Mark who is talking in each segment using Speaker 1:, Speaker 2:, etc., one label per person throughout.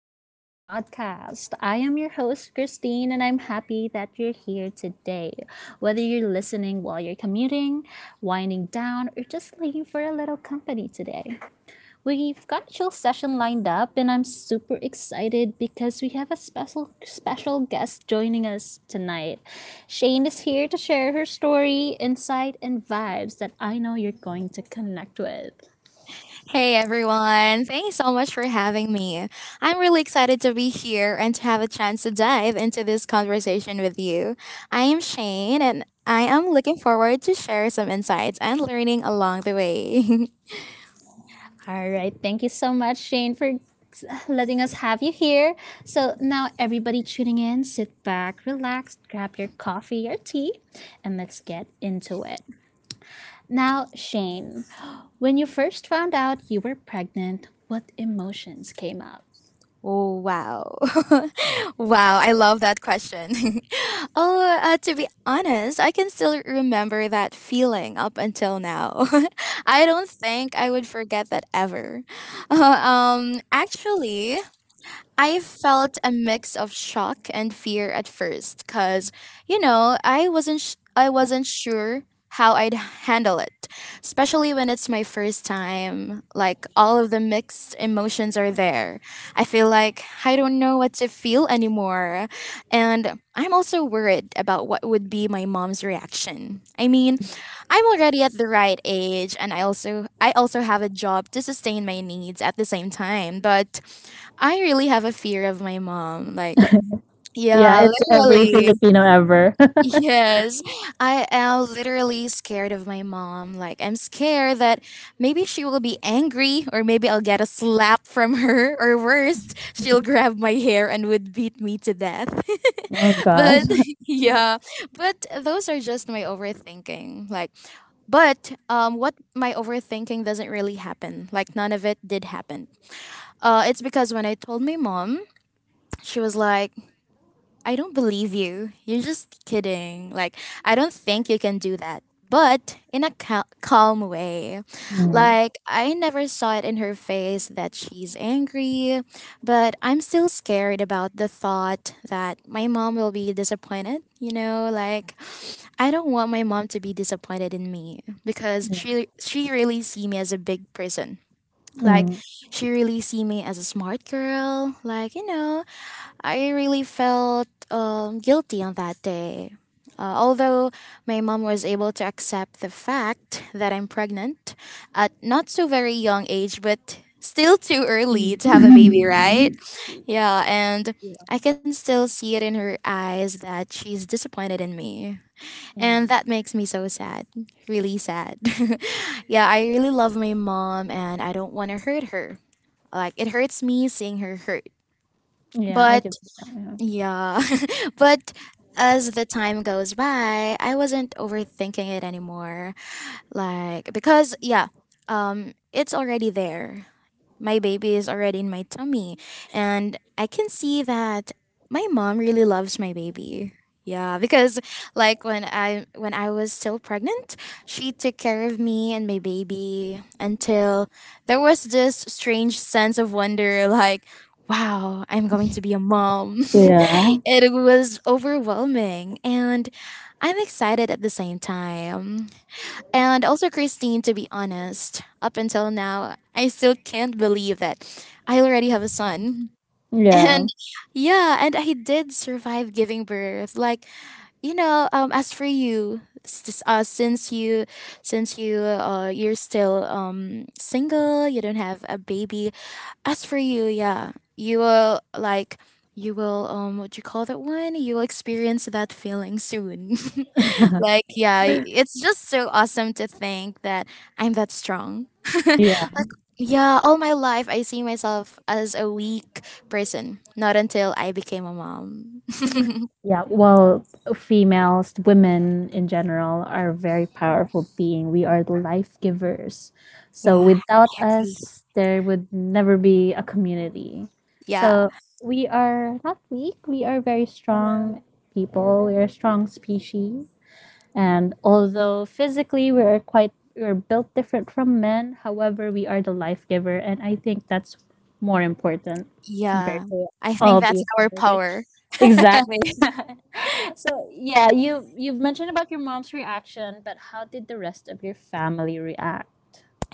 Speaker 1: to our podcast. I am your host, Christine, and I'm happy that you're here today. Whether you're listening while you're commuting, winding down, or just looking for a little company today, we've got a chill session lined up, and I'm super excited because we have a special, special guest joining us tonight. Shane is here to share her story, insight, and vibes that I know you're going to connect with.
Speaker 2: Hey everyone, thanks so much for having me. I'm really excited to be here and to have a chance to dive into this conversation with you. I am Shane and I am looking forward to share some insights and learning along the way.
Speaker 1: All right. Thank you so much, Shane, for letting us have you here. So now, everybody tuning in, sit back, relax, grab your coffee or tea, and let's get into it. Now, Shane, when you first found out you were pregnant, what emotions came up?
Speaker 2: Oh, wow. Wow, I love that question. Oh, to be honest, I can still remember that feeling up until now. I don't think I would forget that ever. Actually, I felt a mix of shock and fear at first cuz I wasn't sh- I wasn't sure how I'd handle it, especially when it's my first time. Like, all of the mixed emotions are there. I feel like I don't know what to feel anymore. And I'm also worried about what would be my mom's reaction. I mean, I'm already at the right age and I also have a job to sustain my needs at the same time, but I really have a fear of my mom. Like, yeah,
Speaker 1: It's every
Speaker 2: literally.
Speaker 1: Filipino ever.
Speaker 2: Yes. I am literally scared of my mom. Like, I'm scared that maybe she will be angry, or maybe I'll get a slap from her, or worse, she'll grab my hair and would beat me to death.
Speaker 1: Oh gosh.
Speaker 2: But yeah, but those are just my overthinking. Like, but what my overthinking doesn't really happen. Like, none of it did happen. It's because when I told my mom, she was like, I don't believe you. You're just kidding. Like, I don't think you can do that. But in a calm way.
Speaker 1: Mm. Mm.
Speaker 2: Like, I never saw it in her face that she's angry, but I'm still scared about the thought that my mom will be disappointed. I don't want my mom to be disappointed in me because she really see me as a big person. Like,
Speaker 1: Like,
Speaker 2: she really see me as a smart girl. Like, I really felt guilty on that day. Although my mom was able to accept the fact that I'm pregnant at not so very young age, but still too early to have a baby, right? Yeah, and I can still see it in her eyes that she's disappointed in me. And that makes me so sad, really sad. Yeah, I really love my mom and I don't want to hurt her. Like, it hurts me seeing her hurt.
Speaker 1: Yeah,
Speaker 2: But
Speaker 1: can see that.
Speaker 2: yeah. But as the time goes by, I wasn't overthinking it anymore. Like, because yeah, it's already there. My baby is already in my tummy and I can see that my mom really loves my baby. Yeah, because like, when I was still pregnant, she took care of me and my baby until there was this strange sense of wonder like, wow, I'm going to be a mom. It was overwhelming, and I'm excited at the same time. And also, Christine, to be honest, up until now, I still can't believe that I already have a son. And
Speaker 1: Yeah.
Speaker 2: yeah, and I did survive giving birth. Like, as for you, since you, you're still single, you don't have a baby. As for you, yeah, you will like, you will what you call that one? You will experience that feeling soon. Like, yeah, it's just so awesome to think that I'm that strong. Yeah, all my life I see myself as a weak person. Not until I became a mom.
Speaker 1: Yeah, well, females, women in general, are very powerful being. We are the life givers. So
Speaker 2: Yeah,
Speaker 1: without
Speaker 2: happy.
Speaker 1: us, there would never be a community.
Speaker 2: Yeah.
Speaker 1: So we are not weak. We are very strong people. We are a strong species. And although physically we are quite we're built different from men, however, we are the life giver, and I think that's more important compared
Speaker 2: Yeah.
Speaker 1: to
Speaker 2: I think
Speaker 1: all the
Speaker 2: that's our power.
Speaker 1: exactly. So yeah, you've mentioned about your mom's reaction, but how did the rest of your family react?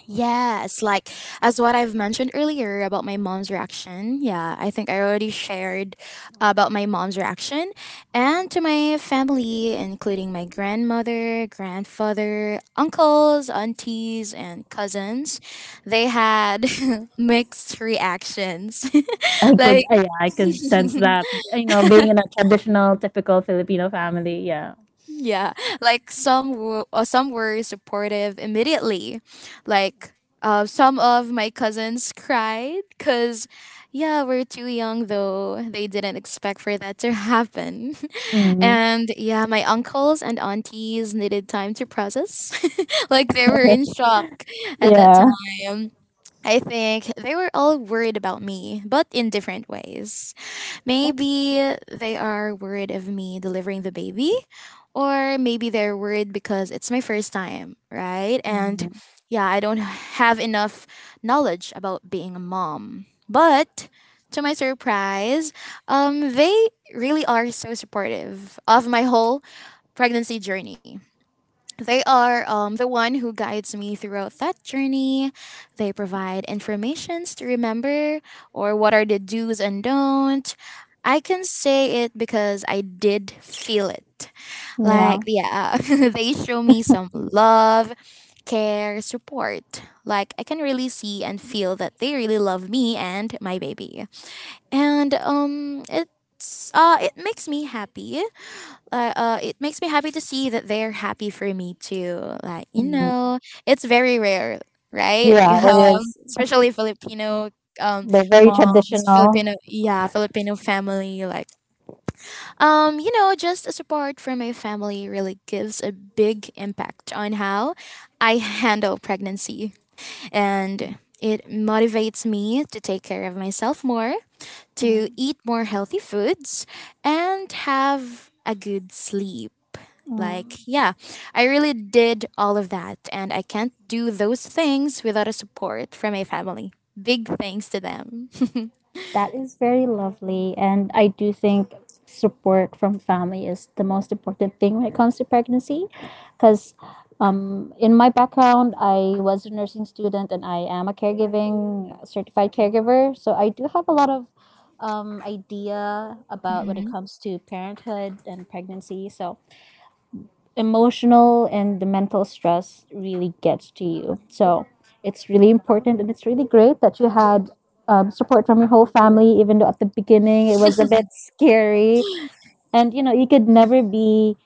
Speaker 2: Yes, like, as what I've mentioned earlier about my mom's reaction. Yeah, I think I already shared about my mom's reaction and to my family, including my grandmother, grandfather, uncles, aunties, and cousins. They had mixed reactions. Like
Speaker 1: Yeah, I could sense that, you know, being in a traditional, typical Filipino family. Yeah.
Speaker 2: yeah, like some some were supportive immediately. Like, some of my cousins cried because yeah, we're too young though. They didn't expect for that to happen.
Speaker 1: Mm.
Speaker 2: And yeah, my uncles and aunties needed time to process. Like, they were in shock at that
Speaker 1: Yeah.
Speaker 2: time. I think they were all worried about me, but in different ways. Maybe they are worried of me delivering the baby, or maybe they're worried because it's my first time, right? And
Speaker 1: Mm.
Speaker 2: yeah, I don't have enough knowledge about being a mom. But to my surprise, they really are so supportive of my whole pregnancy journey. They are the one who guides me throughout that journey. They provide informations to remember or what are the do's and don't. I can say it because I did feel it.
Speaker 1: Yeah.
Speaker 2: Like,
Speaker 1: Yeah.
Speaker 2: yeah, they show me some love, care, support. Like, I can really see and feel that they really love me and my baby. And it makes me happy it makes me happy to see that they're happy for me too. Like,
Speaker 1: Mm.
Speaker 2: it's very rare, right? Yeah.
Speaker 1: Yeah, it
Speaker 2: Yeah,
Speaker 1: is.
Speaker 2: especially Filipino um
Speaker 1: They're very
Speaker 2: moms,
Speaker 1: traditional.
Speaker 2: Filipino yeah, Filipino family like, just a support from my family really gives a big impact on how I handle pregnancy and it motivates me to take care of myself more, to
Speaker 1: Mm.
Speaker 2: eat more healthy foods and have a good sleep.
Speaker 1: Mm.
Speaker 2: Like, yeah, I really did all of that, and I can't do those things without a support from my family. Big thanks to them.
Speaker 1: That is very lovely. And I do think support from family is the most important thing when it comes to pregnancy, because in my background, I was a nursing student and I am a caregiving certified caregiver. So I do have a lot of idea about when it
Speaker 2: Mhm.
Speaker 1: comes to parenthood and pregnancy. So emotional and the mental stress really gets to you. So it's really important and it's really great that you had support from your whole family, even though at the beginning it was a bit scary. And you know, you could never be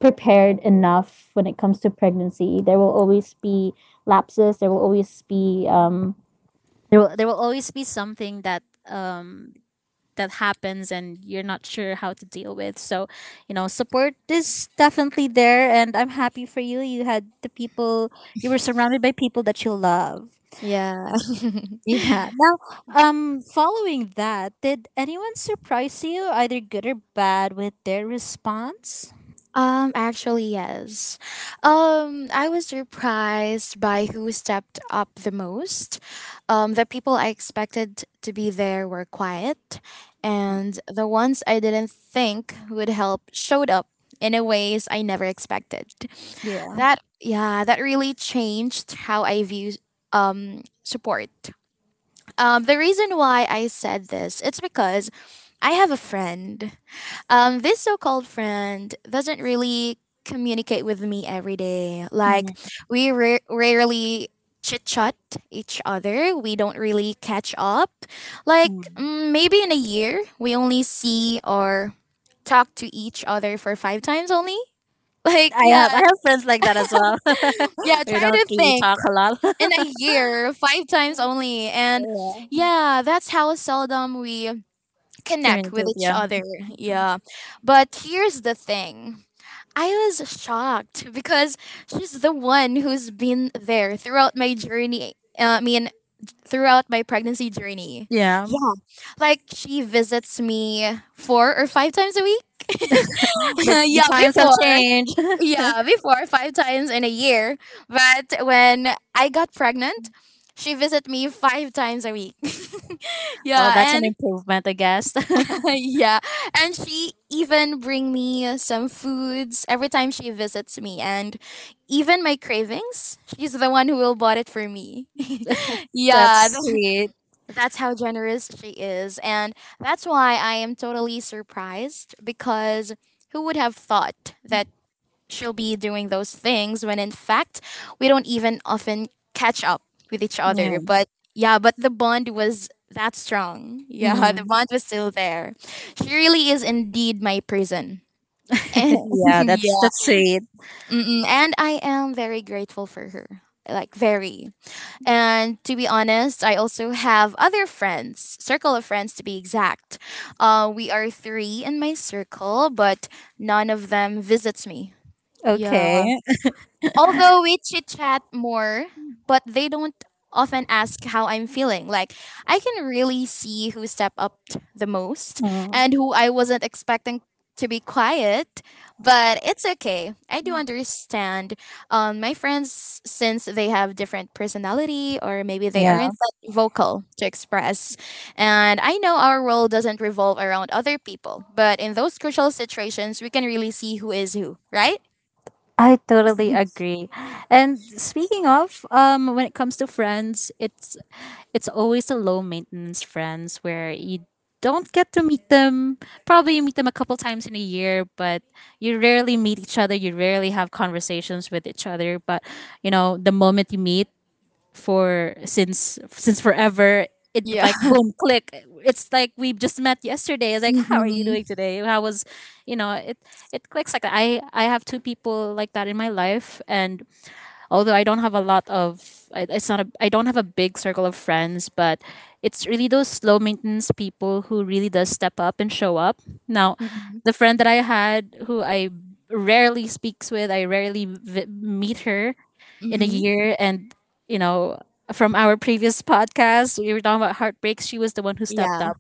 Speaker 1: prepared enough when it comes to pregnancy. There will always be lapses. There will always be there will always be something that that happens and you're not sure how to deal with. So, support is definitely there and I'm happy for you. You had the people you were surrounded by people that you love.
Speaker 2: Yeah.
Speaker 1: Yeah. Now, following that, did anyone surprise you either good or bad with their response?
Speaker 2: Actually, yes. I was surprised by who stepped up the most. The people I expected to be there were quiet, and the ones I didn't think would help showed up in a ways I never expected.
Speaker 1: Yeah.
Speaker 2: That really changed how I view support. The reason why I said this, it's because I have a friend, this so called friend doesn't really communicate with me every day. Like,
Speaker 1: Mm,
Speaker 2: we rarely chit chat each other, we don't really catch up. Like,
Speaker 1: mm.
Speaker 2: mm, maybe in a year, we only see or talk to each other for five times only. Like,
Speaker 1: I have I have friends like that as well.
Speaker 2: yeah,
Speaker 1: We
Speaker 2: try
Speaker 1: don't
Speaker 2: to
Speaker 1: really
Speaker 2: think,
Speaker 1: talk a lot.
Speaker 2: in a year, five times only. And yeah, that's how seldom we connect with
Speaker 1: Communicate,
Speaker 2: each
Speaker 1: yeah.
Speaker 2: other. Yeah. But here's the thing, I was shocked because she's the one who's been there throughout my journey. I mean, throughout my pregnancy journey.
Speaker 1: Yeah.
Speaker 2: Yeah. Like, she visits me four or five times a week.
Speaker 1: But the
Speaker 2: Yeah,
Speaker 1: times have
Speaker 2: before.
Speaker 1: changed.
Speaker 2: Yeah, before, five times in a year. But when I got pregnant, she visited me five times a week.
Speaker 1: Well, that's
Speaker 2: Yeah,
Speaker 1: an improvement, I guess.
Speaker 2: yeah. And she even bring me some foods every time she visits me and even my cravings, she's the one who will bought it for me.
Speaker 1: That's
Speaker 2: yeah, th-
Speaker 1: sweet.
Speaker 2: that's how generous she is and that's why I am totally surprised because who would have thought that she'll be doing those things when in fact we don't even often catch up with each other.
Speaker 1: Yeah.
Speaker 2: But yeah, but the bond was that strong. Yeah, the
Speaker 1: Mm.
Speaker 2: bond was still there. She really is indeed my prison. And
Speaker 1: Yeah, that's
Speaker 2: yeah.
Speaker 1: sweet.
Speaker 2: Mm-mm. And I am very grateful for her. Like, very. And to be honest, I also have other friends, circle of friends to be exact. We are three in my circle, but none of them visits me. Yeah,
Speaker 1: Okay.
Speaker 2: although we chit chat more, but they don't often ask how I'm feeling. Like, I can really see who stepped up the most
Speaker 1: Mm,
Speaker 2: and who I wasn't expecting to be quiet, but it's okay. I do understand my friends since they have different personality or maybe they
Speaker 1: yeah,
Speaker 2: aren't that vocal to express. And I know our role doesn't revolve around other people, but in those crucial situations, we can really see who is who, right?
Speaker 1: I totally agree. And speaking of, when it comes to friends, it's always the low maintenance friends where you don't get to meet them. Probably you meet them a couple times in a year, but you rarely meet each other. You rarely have conversations with each other. But you know, the moment you meet for since forever, it would
Speaker 2: Yeah.
Speaker 1: like boom click. It's like we just met yesterday. It's like how are you doing today? How was, you know, it clicks like that. I have two people like that in my life, and although I don't have a lot of I- it's not a, I don't have a big circle of friends, but it's really those low maintenance people who really does step up and show up. Now,
Speaker 2: Mm,
Speaker 1: the friend that I had who I rarely speaks with, I rarely meet her
Speaker 2: mm,
Speaker 1: in a
Speaker 2: mm.
Speaker 1: year and you know, from our previous podcast, we were talking about heartbreaks. She was the one who stepped up.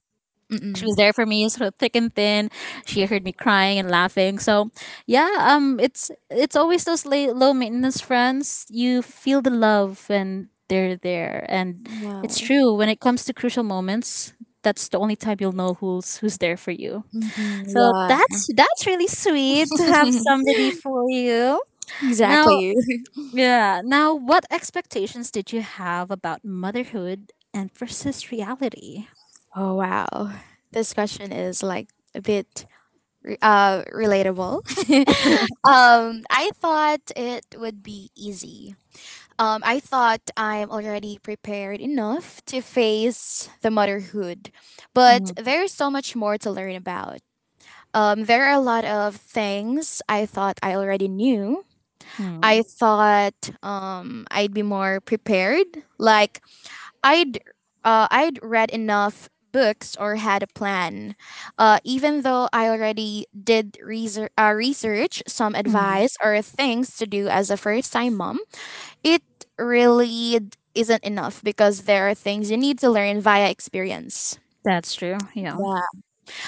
Speaker 1: She was
Speaker 2: Mm-mm.
Speaker 1: there for me sort of thick and thin. She heard me crying and laughing. So yeah, it's always those low maintenance friends. You feel the love and they're there, and it's
Speaker 2: No.
Speaker 1: true. When it comes to crucial moments, that's the only time you'll know who's there for you.
Speaker 2: Mm-mm.
Speaker 1: So
Speaker 2: Yeah,
Speaker 1: that's really sweet to have somebody for you. Now,
Speaker 2: exactly.
Speaker 1: yeah, now what expectations did you have about motherhood and versus reality?
Speaker 2: Oh, wow. This question is like a bit relatable. I thought it would be easy. I thought I'm already prepared enough to face the motherhood, but
Speaker 1: Mm.
Speaker 2: there's so much more to learn about. There are a lot of things I thought I already knew. I
Speaker 1: Mm.
Speaker 2: thought I'd be more prepared, like I'd I'd read enough books or had a plan. Even though I already did research, some
Speaker 1: Mm.
Speaker 2: advice or things to do as a first time mom, it really isn't enough because there are things you need to learn via experience.
Speaker 1: That's true, yeah.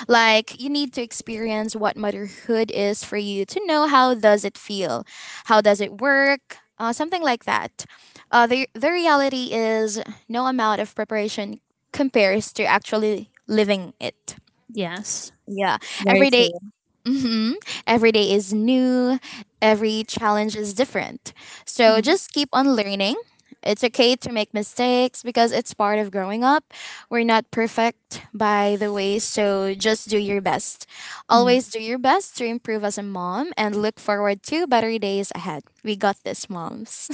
Speaker 2: Like, you need to experience what motherhood is for you to know how does it feel, how does it work, something like that. The the reality is no amount of preparation compares to actually living it.
Speaker 1: Yes.
Speaker 2: Yeah,
Speaker 1: Very
Speaker 2: every day.
Speaker 1: true.
Speaker 2: Mhm. Every day is new, every challenge is different. So
Speaker 1: Mhm.
Speaker 2: just keep on learning. It's okay to make mistakes because it's part of growing up. We're not perfect, by the way, so just do your best. Always do your best to improve as a mom and look forward to better days ahead. We got this, moms.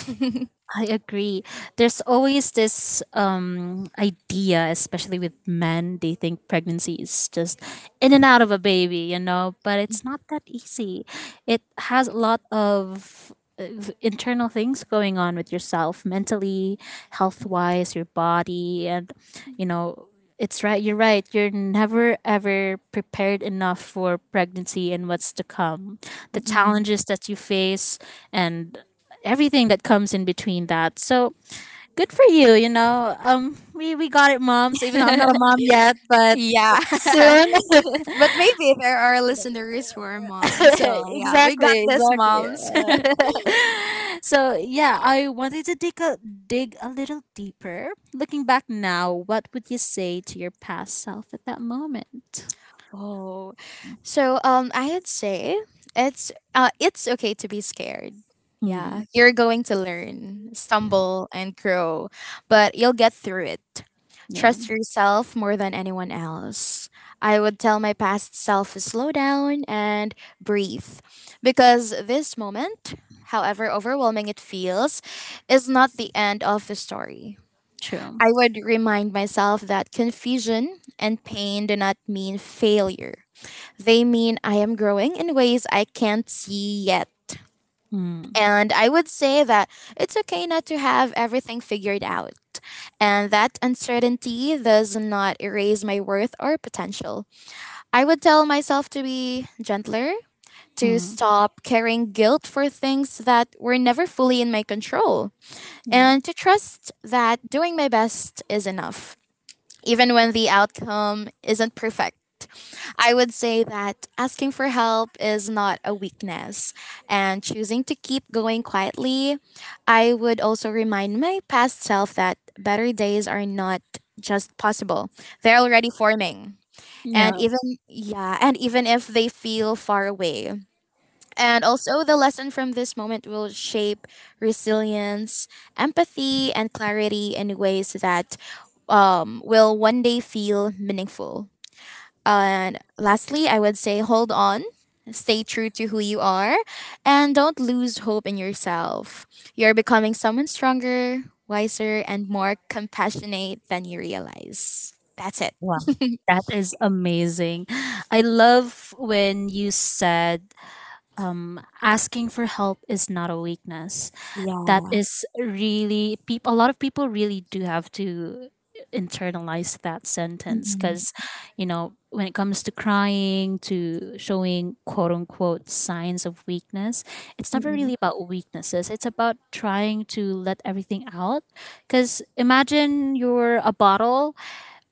Speaker 1: I agree. There's always this idea, especially with men, they think pregnancy is just in and out of a baby, you know, but it's not that easy. It has a lot of uh, internal things going on with yourself mentally, health wise, your body, and, you know, it's right. You're right. You're never ever prepared enough for pregnancy and what's to come. The
Speaker 2: Mm-mm.
Speaker 1: challenges that you face and everything that comes in between that. So good for you, you know. We got it, moms, even though I'm not a mom yet, but
Speaker 2: Yeah.
Speaker 1: soon.
Speaker 2: But maybe there are listeners who are moms. So, yeah, we got
Speaker 1: Exactly,
Speaker 2: this,
Speaker 1: exactly.
Speaker 2: moms.
Speaker 1: So yeah, I wanted to dig a little deeper. Looking back now, what would you say to your past self at that moment?
Speaker 2: Oh, so I'd say it's okay to be scared. Yeah,
Speaker 1: Hmm.
Speaker 2: you're going to learn, stumble, and grow, but you'll get through it.
Speaker 1: Yeah,
Speaker 2: Trust yourself more than anyone else. I would tell my past self to slow down and breathe because this moment, however overwhelming it feels, is not the end of the story.
Speaker 1: true.
Speaker 2: I would remind myself that confusion and pain do not mean failure. They mean I am growing in ways I can't see yet.
Speaker 1: Hmm.
Speaker 2: And I would say that it's okay not to have everything figured out. And that uncertainty does not erase my worth or potential. I would tell myself to be gentler, to
Speaker 1: Hmm.
Speaker 2: stop carrying guilt for things that were never fully in my control,
Speaker 1: Hmm.
Speaker 2: and to trust that doing my best is enough even when the outcome isn't perfect. I would say that asking for help is not a weakness and choosing to keep going quietly. I would also remind my past self that better days are not just possible, they're already forming.
Speaker 1: Yeah,
Speaker 2: And even, yeah, and even if they feel far away, and also, the lesson from this moment will shape resilience, empathy, and clarity in ways that will one day feel meaningful. And lastly, I would say hold on, stay true to who you are, and don't lose hope in yourself. You're becoming someone stronger, wiser, and more compassionate than you realize. That's it.
Speaker 1: wow. That is amazing. I love when you said asking for help is not a weakness. That
Speaker 2: Yeah.
Speaker 1: is really people. A lot of people really do have to internalize that sentence, because,
Speaker 2: Mm-mm.
Speaker 1: when it comes to crying, to showing quote unquote signs of weakness, it's never
Speaker 2: Mm-mm.
Speaker 1: really about weaknesses. It's about trying to let everything out. Because imagine you're a bottle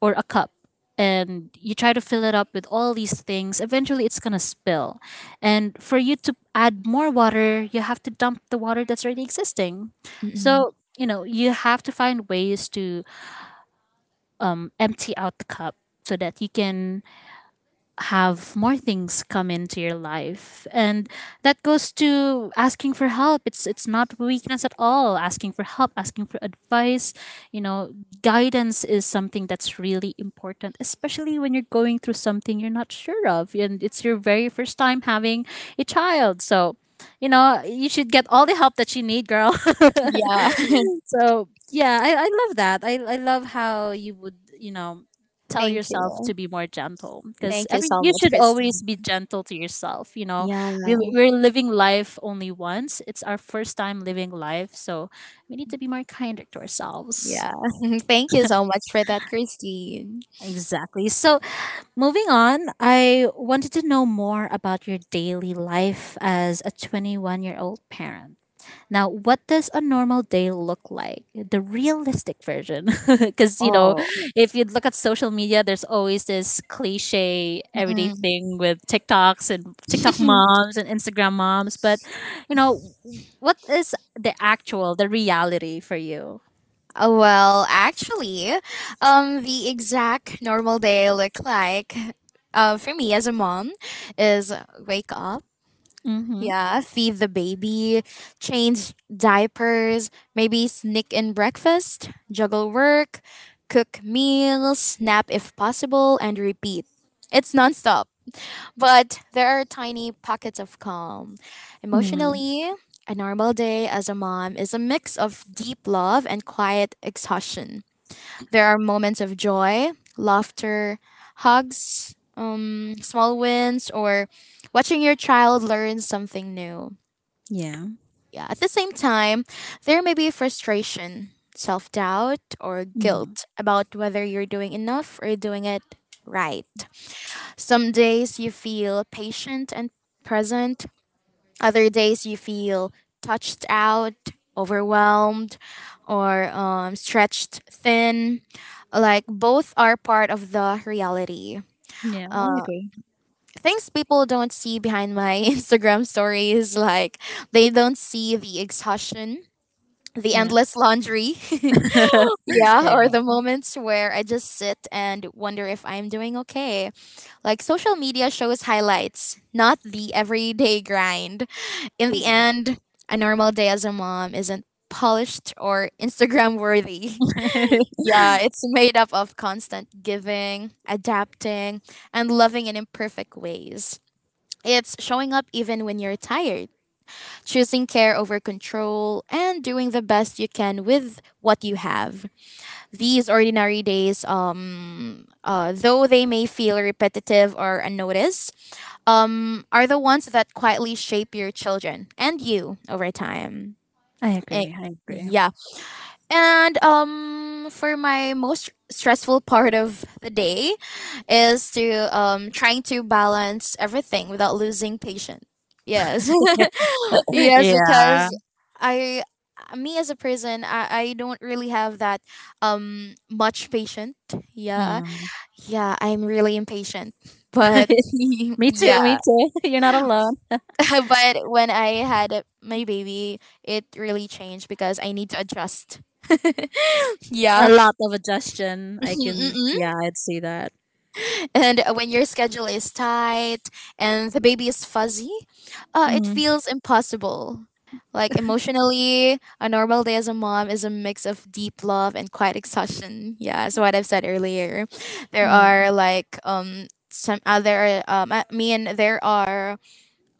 Speaker 1: or a cup and you try to fill it up with all these things, eventually it's going to spill. And for you to add more water, you have to dump the water that's already existing.
Speaker 2: Mm-mm.
Speaker 1: So, you have to find ways to empty out the cup so that you can have more things come into your life, and that goes to asking for help. It's not weakness at all. Asking for help, asking for advice, you know guidance is something that's really important, especially when you're going through something you're not sure of, and it's your very first time having a child. So you should get all the help that you need, girl.
Speaker 2: Yeah.
Speaker 1: So yeah, I love that. I love how you would, tell
Speaker 2: Thank
Speaker 1: yourself to
Speaker 2: you.
Speaker 1: be more gentle, because
Speaker 2: Thank you
Speaker 1: every
Speaker 2: so
Speaker 1: you
Speaker 2: much,
Speaker 1: should always
Speaker 2: Christine.
Speaker 1: be gentle to yourself.
Speaker 2: Yeah,
Speaker 1: We're living life only once. It's our first time living life, so we need to be more kinder to ourselves.
Speaker 2: yeah. Thank you so much for that, Christine.
Speaker 1: Exactly. So moving on, I wanted to know more about your daily life as a 21-year-old parent. Now, what does a normal day look like? The realistic version. Because,
Speaker 2: Oh.
Speaker 1: if you look at social media, there's always this cliche everyday
Speaker 2: Mm.
Speaker 1: thing with TikToks and TikTok moms and Instagram moms. But, you know, what is the reality for you?
Speaker 2: Oh, well, actually, the exact normal day I look like, for me as a mom, is wake up,
Speaker 1: Mm-hmm.
Speaker 2: yeah, feed the baby, change diapers, maybe sneak in breakfast, juggle work, cook meals, nap if possible, and repeat. It's nonstop. But there are tiny pockets of calm.
Speaker 1: Mm.
Speaker 2: Emotionally, a normal day as a mom is a mix of deep love and quiet exhaustion. There are moments of joy, laughter, hugs, small wins, or watching your child learn something new.
Speaker 1: Yeah.
Speaker 2: Yeah, at the same time, there may be frustration, self doubt, or
Speaker 1: Mm.
Speaker 2: guilt about whether you're doing enough or doing it right. Some days you feel patient and present, other days you feel touched out, overwhelmed, or stretched thin. Like both are part of the reality.
Speaker 1: Yeah, I agree.
Speaker 2: Things people don't see behind my Instagram stories, like they don't see the exhaustion, the
Speaker 1: Yeah.
Speaker 2: endless laundry, yeah,
Speaker 1: Yeah.
Speaker 2: or the moments where I just sit and wonder if I'm doing okay. Like social media shows highlights, not the everyday grind. In the
Speaker 1: Yeah.
Speaker 2: end, a normal day as a mom isn't polished or Instagram worthy. Yeah, it's made up of constant giving, adapting, and loving in imperfect ways. It's showing up even when you're tired, choosing care over control, and doing the best you can with what you have. These ordinary days, though they may feel repetitive or unnoticed, are the ones that quietly shape your children and you over time.
Speaker 1: I
Speaker 2: Eh,
Speaker 1: agree. I agree.
Speaker 2: yeah. And for my most stressful part of the day is to trying to balance everything without losing patience. Yes. yes,
Speaker 1: Yeah.
Speaker 2: because I me as a person I don't really have that much patient yeah
Speaker 1: Mm.
Speaker 2: yeah I'm really impatient but
Speaker 1: Me
Speaker 2: yeah
Speaker 1: too. Me too. You're not alone.
Speaker 2: but when I had a- my baby, it really changed because I need to adjust.
Speaker 1: A
Speaker 2: Yeah.
Speaker 1: lot of adjustion. I can,
Speaker 2: Mm-mm.
Speaker 1: yeah, I'd see that.
Speaker 2: And when your schedule is tight and the baby is fuzzy, it
Speaker 1: Mm,
Speaker 2: feels impossible. Like emotionally, a normal day as a mom is a mix of deep love and quiet exhaustion. Yeah, so what I've said earlier, there
Speaker 1: mm,
Speaker 2: are like some other I mean there are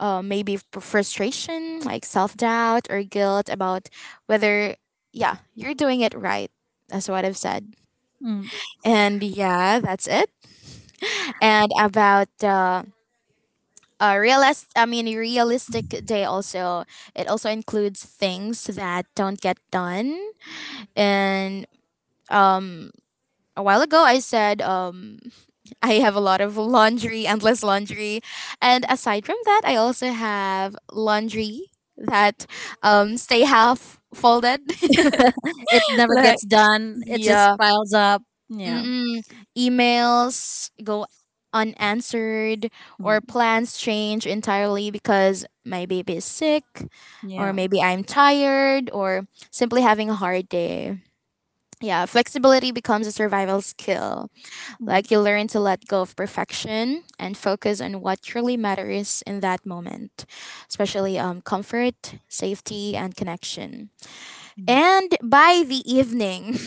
Speaker 2: maybe frustration, like self doubt or guilt about whether, yeah, you're doing it right. That's what I've said.
Speaker 1: mm.
Speaker 2: And yeah, that's it. And about a realistic day also, it also includes things that don't get done. And um, a while ago, I said I have a lot of laundry, endless laundry. And aside from that, I also have laundry that stay half folded.
Speaker 1: It never
Speaker 2: like
Speaker 1: gets done. It just
Speaker 2: yeah.
Speaker 1: piles up. Yeah.
Speaker 2: Mm-mm. Emails go unanswered or
Speaker 1: Mm,
Speaker 2: plans change entirely because my baby is sick or
Speaker 1: yeah.
Speaker 2: maybe I'm tired or simply having a hard day. Yeah, flexibility becomes a survival skill.
Speaker 1: Mm,
Speaker 2: Like you learn to let go of perfection and focus on what truly matters in that moment, especially comfort, safety, and connection.
Speaker 1: mm,
Speaker 2: And by the evening,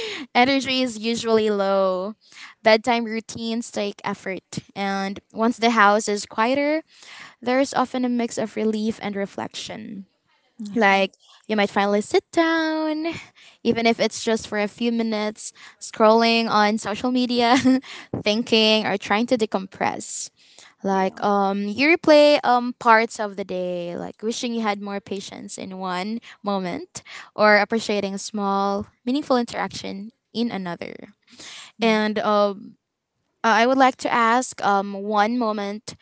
Speaker 2: energy is usually low. Bedtime routines take effort. And once the house is quieter, there is often a mix of relief and reflection.
Speaker 1: yeah.
Speaker 2: Like, you might finally sit down, even if it's just for a few minutes, scrolling on social media, thinking or trying to decompress.
Speaker 1: Yeah.
Speaker 2: Like, you replay parts of the day, like wishing you had more patience in one moment, or appreciating a small, meaningful interaction in another.
Speaker 1: Yeah.
Speaker 2: And I would like to ask one moment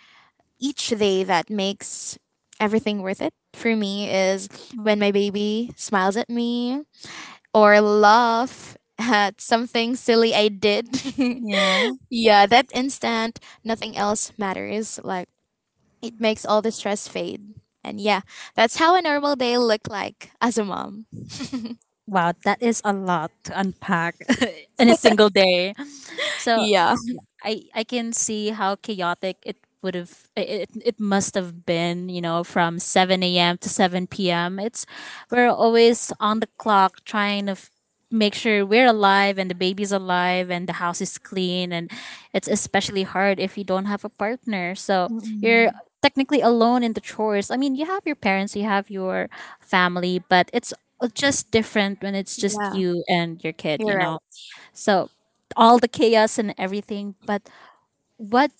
Speaker 2: each day that makes everything worth it for me is when
Speaker 1: Mm,
Speaker 2: my baby smiles at me or laugh at something silly I did.
Speaker 1: yeah.
Speaker 2: yeah, that instant, nothing else matters. Like it makes all the stress fade. And yeah, that's how a normal day looked like as a mom.
Speaker 1: Wow, that is a lot to unpack in a single day. So
Speaker 2: Yeah.
Speaker 1: I can see how chaotic it would have it, it it must have been from 7 a.m. to 7 p.m. it's we're always on the clock trying to make sure we're alive, and the baby's alive, and the house is clean. And it's especially hard if you don't have a partner, so you're
Speaker 2: Mm.
Speaker 1: technically alone in the chores. I mean, you have your parents, you have your family, but it's just different when it's just
Speaker 2: Yeah,
Speaker 1: you and your kid
Speaker 2: you're
Speaker 1: you
Speaker 2: right.
Speaker 1: know So all the chaos and everything, but what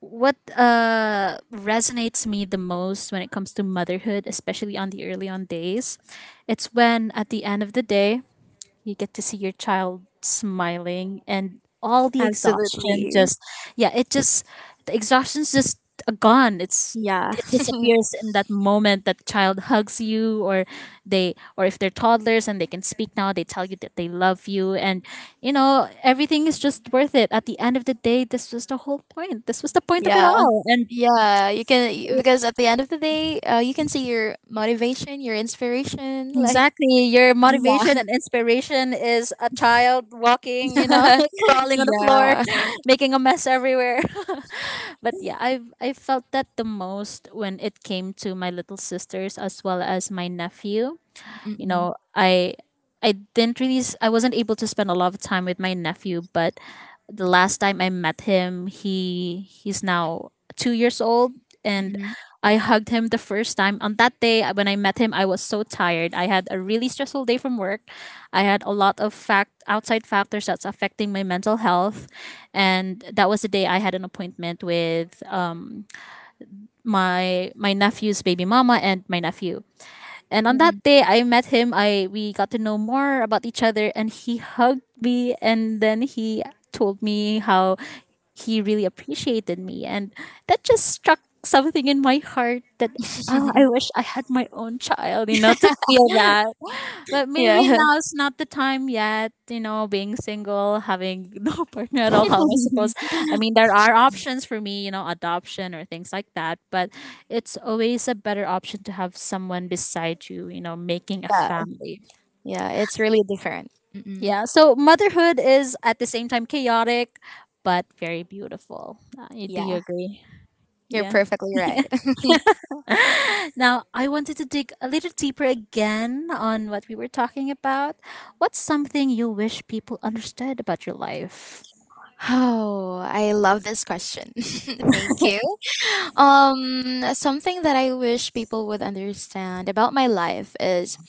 Speaker 1: what resonates me the most when it comes to motherhood, especially on the early on days, it's when at the end of the day you get to see your child smiling, and all the exhaustion
Speaker 2: Absolutely.
Speaker 1: just, yeah, it just, the exhaustion's just gone. it's
Speaker 2: Yeah.
Speaker 1: it disappears in that moment that child hugs you, or they, or if they're toddlers and they can speak now, they tell you that they love you. And everything is just worth it at the end of the day. This was the whole point. This was the point of it
Speaker 2: Yeah.
Speaker 1: all. And
Speaker 2: Yeah, you can because at the end of the day, you can see your motivation, your inspiration, like
Speaker 1: exactly. Your
Speaker 2: yeah,
Speaker 1: motivation and inspiration is a child walking, crawling on the floor,
Speaker 2: yeah,
Speaker 1: making a mess everywhere. But yeah, I felt that the most when it came to my little sisters as well as my nephew. You
Speaker 2: Mm-mm.
Speaker 1: know, I didn't really, I wasn't able to spend a lot of time with my nephew, but the last time I met him, he's now 2 years old, and
Speaker 2: Mm-mm.
Speaker 1: I hugged him the first time. On that day, when I met him, I was so tired. I had a really stressful day from work. I had a lot of fact outside factors that's affecting my mental health, and that was the day I had an appointment with my nephew's baby mama and my nephew. And on that day I met him, I we got to know more about each other, and he hugged me and then he told me how he really appreciated me, and that just struck something in my heart that I
Speaker 2: Mm-mm.
Speaker 1: wish I had my own child, you know, to feel that. But
Speaker 2: yeah,
Speaker 1: maybe now's not the time yet, you know, being single, having no partner at all. How am I supposed?
Speaker 2: yeah,
Speaker 1: I mean, there are options for me, you know, adoption or things like that, but it's always a better option to have someone beside you, you know, making a family.
Speaker 2: yeah. It's really different. Mm-mm.
Speaker 1: Yeah. So motherhood is at the same time chaotic, but very beautiful. Do you
Speaker 2: Yeah,
Speaker 1: agree?
Speaker 2: you're
Speaker 1: Yeah.
Speaker 2: perfectly right.
Speaker 1: Now, I wanted to dig a little deeper again on what we were talking about. What's something you wish people understood about your life?
Speaker 2: Oh, I love this question. Thank you. Something that I wish people would understand about my life is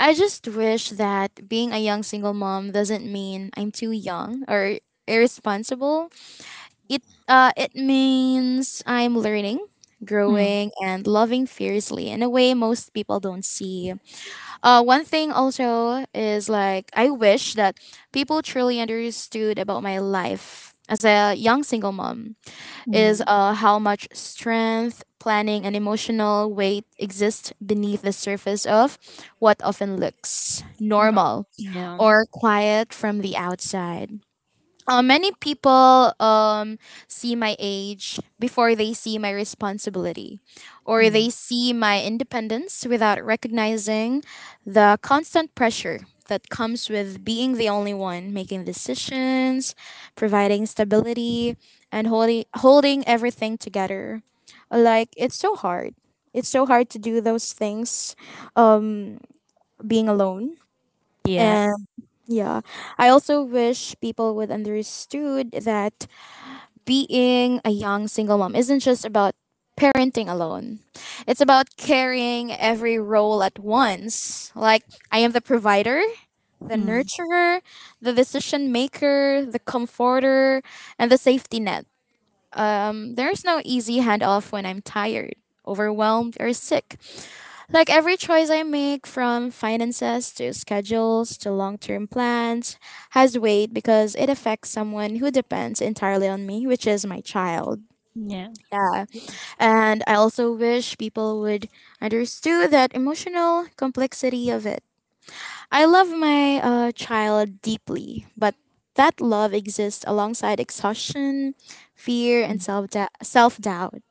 Speaker 2: I just wish that being a young single mom doesn't mean I'm too young or irresponsible. It it means I'm learning,
Speaker 1: Mm,
Speaker 2: growing and loving fiercely in a way most people don't see. One thing also is like I wish that people truly understood about my life as a young single mom is
Speaker 1: mm.
Speaker 2: how much strength, planning, and emotional weight exist beneath the surface of what often looks
Speaker 1: No.
Speaker 2: normal
Speaker 1: Yeah.
Speaker 2: or quiet from the outside. Many people see my age before they see my responsibility or
Speaker 1: Mm,
Speaker 2: they see my independence without recognizing the constant pressure that comes with being the only one making decisions, providing stability, and holding everything together. Like, it's so hard. It's so hard to do those things um, being alone
Speaker 1: yeah.
Speaker 2: and yeah, I also wish people would understood that being a young single mom isn't just about parenting alone. It's about carrying every role at once. Like I am the provider, the
Speaker 1: Mm,
Speaker 2: nurturer, the decision maker, the comforter, and the safety net. There's no easy handoff when I'm tired, overwhelmed, or sick. Like every choice I make, from finances to schedules to long term plans, has weight because it affects someone who depends entirely on me, which is my child.
Speaker 1: yeah.
Speaker 2: Yeah. And I also wish people would understand that emotional complexity of it. I love my child deeply, but that love exists alongside exhaustion, fear, and
Speaker 1: Mm.
Speaker 2: self doubt.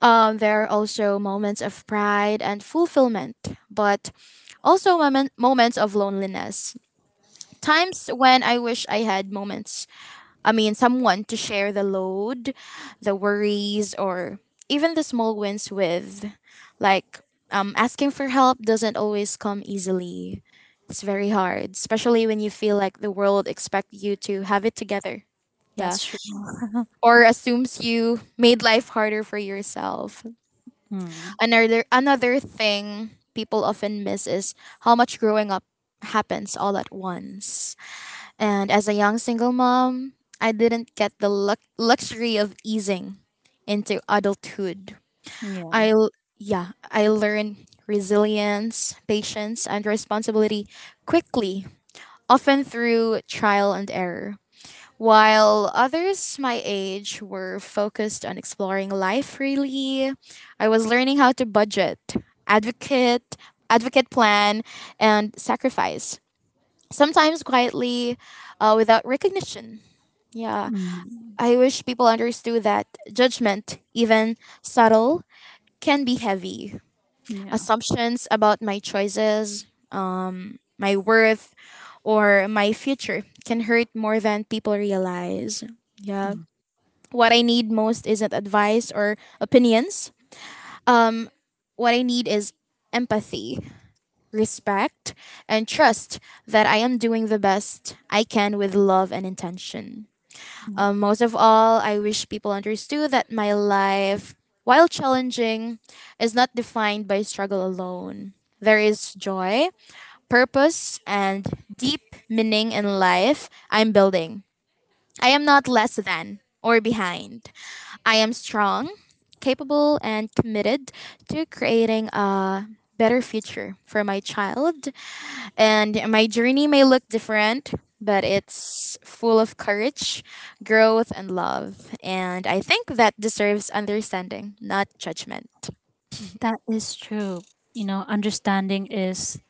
Speaker 2: There are also moments of pride and fulfillment, but also moments of loneliness. Times when I wish I had moments, I mean, Someone to share the load, the worries, or even the small wins with. Like, asking for help doesn't always come easily. It's very hard, especially when you feel like the world expects you to have it together. Yeah.
Speaker 1: That's true.
Speaker 2: Or assumes you made life harder for yourself.
Speaker 1: Mm,
Speaker 2: Another thing people often miss is how much growing up happens all at once. And as a young single mom, I didn't get the luxury of easing into adulthood.
Speaker 1: yeah.
Speaker 2: I l- yeah, I learned resilience, patience, and responsibility quickly, often through trial and error. While others my age were focused on exploring life freely, I was learning how to budget, advocate, advocate plan, and sacrifice. Sometimes quietly, without recognition. Yeah,
Speaker 1: Mm,
Speaker 2: I wish people understood that judgment, even subtle, can be heavy.
Speaker 1: yeah.
Speaker 2: Assumptions about my choices, my worth, or my future can hurt more than people realize. Yeah.
Speaker 1: Mm,
Speaker 2: What I need most isn't advice or opinions. What I need is empathy, respect, and trust that I am doing the best I can with love and intention.
Speaker 1: mm.
Speaker 2: Most of all, I wish people understood that my life, while challenging, is not defined by struggle alone. There is joy, purpose, and deep meaning in life I'm building. I am not less than or behind. I am strong, capable, and committed to creating a better future for my child. And my journey may look different, but it's full of courage, growth, and love. And I think that deserves understanding, not judgment.
Speaker 1: That is true. You know, understanding is,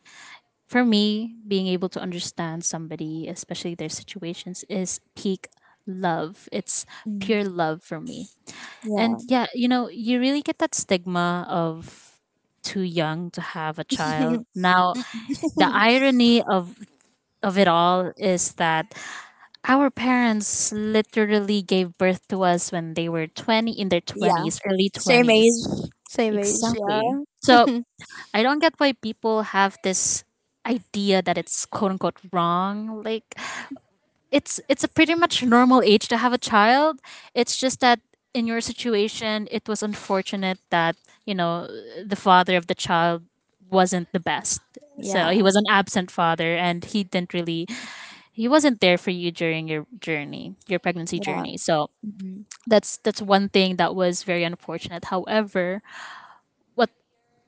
Speaker 1: for me, being able to understand somebody, especially their situations, is peak love. It's pure love for me. And yeah, you know, you really get that stigma of too young to have a child now. The irony of it all is that our parents literally gave birth to us when they were 20, in their
Speaker 2: Yeah,
Speaker 1: 20s, early
Speaker 2: same age,
Speaker 1: 20s.
Speaker 2: same age.
Speaker 1: Exactly.
Speaker 2: Yeah,
Speaker 1: So I don't get why people have this idea that it's, quote unquote, wrong. Like, it's a pretty much normal age to have a child. It's just that in your situation, it was unfortunate that, you know, the father of the child wasn't the best. So he
Speaker 2: yeah,
Speaker 1: was an absent father, and he didn't really, he wasn't there for you during your journey, your pregnancy
Speaker 2: yeah,
Speaker 1: journey. So
Speaker 2: Mhm.
Speaker 1: that's one thing that was very unfortunate. However, what,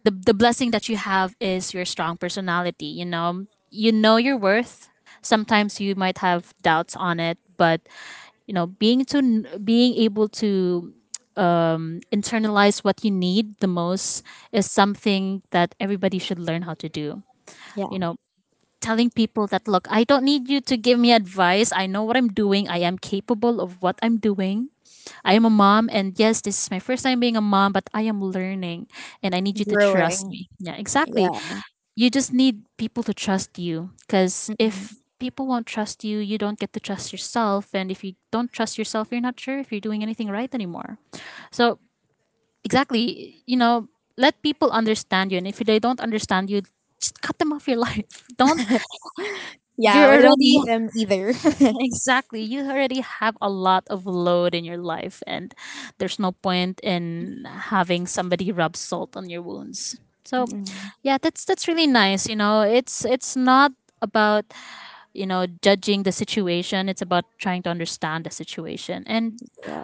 Speaker 1: the blessing that you have is your strong personality. You know your worth. Sometimes you might have doubts on it, but you know, being able to internalize what you need the most is something that everybody should learn how to do. You
Speaker 2: yeah.
Speaker 1: know, telling people that, look, I don't need you to give me advice, I know what I'm doing, I am capable of what I'm doing. I am a mom, and yes, this is my first time being a mom, but I am learning, and I need you to trust
Speaker 2: Growing.
Speaker 1: me. Yeah, exactly.
Speaker 2: Yeah,
Speaker 1: You just need people to trust you, because
Speaker 2: Mhm.
Speaker 1: if people won't trust you, you don't get to trust yourself. And if you don't trust yourself, you're not sure if you're doing anything right anymore. So, exactly, you know, let people understand you. And if they don't understand you, just cut them off your life. Don't, you're
Speaker 2: yeah. We don't
Speaker 1: already,
Speaker 2: need them either.
Speaker 1: exactly, you already have a lot of load in your life. And there's no point in having somebody rub salt on your wounds. So,
Speaker 2: Mhm.
Speaker 1: yeah, that's really nice. You know, it's not about, you know, judging the situation. It's about trying to understand the situation. And
Speaker 2: yeah,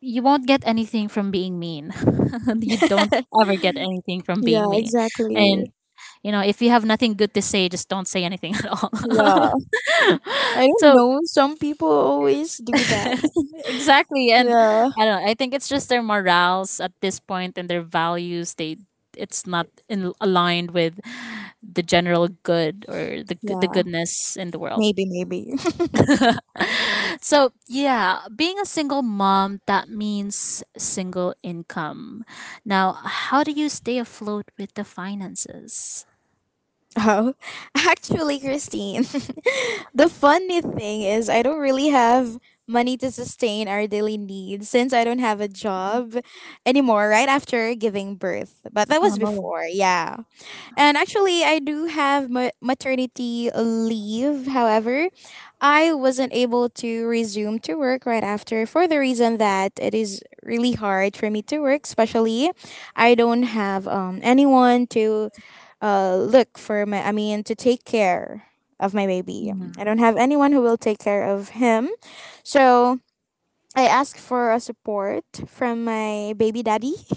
Speaker 1: you won't get anything from being mean. You don't ever get anything from
Speaker 2: yeah.
Speaker 1: being mean. And,
Speaker 2: Exactly.
Speaker 1: you know, if you have nothing good to say, just don't say anything at all.
Speaker 2: Yeah, I don't
Speaker 1: So,
Speaker 2: know. Some people always do that.
Speaker 1: exactly. And
Speaker 2: Yeah.
Speaker 1: I don't know, I think it's just their morals at this point and their values. They, it's not in, aligned with the general good, or the
Speaker 2: Yeah.
Speaker 1: goodness in the world.
Speaker 2: Maybe, maybe.
Speaker 1: So, yeah, being a single mom, that means single income. Now, how do you stay afloat with the finances?
Speaker 2: oh, actually, Christine, the funny thing is, I don't really have money to sustain our daily needs since I don't have a job anymore right after giving birth. But that was
Speaker 1: Oh,
Speaker 2: before. Yeah. And actually, I do have maternity leave. However, I wasn't able to resume to work right after for the reason that it is really hard for me to work, especially I don't have anyone to look for my, I mean, to take care of my baby. I don't
Speaker 1: mm.
Speaker 2: have anyone who will take care of him. So I asked for a support from my baby daddy.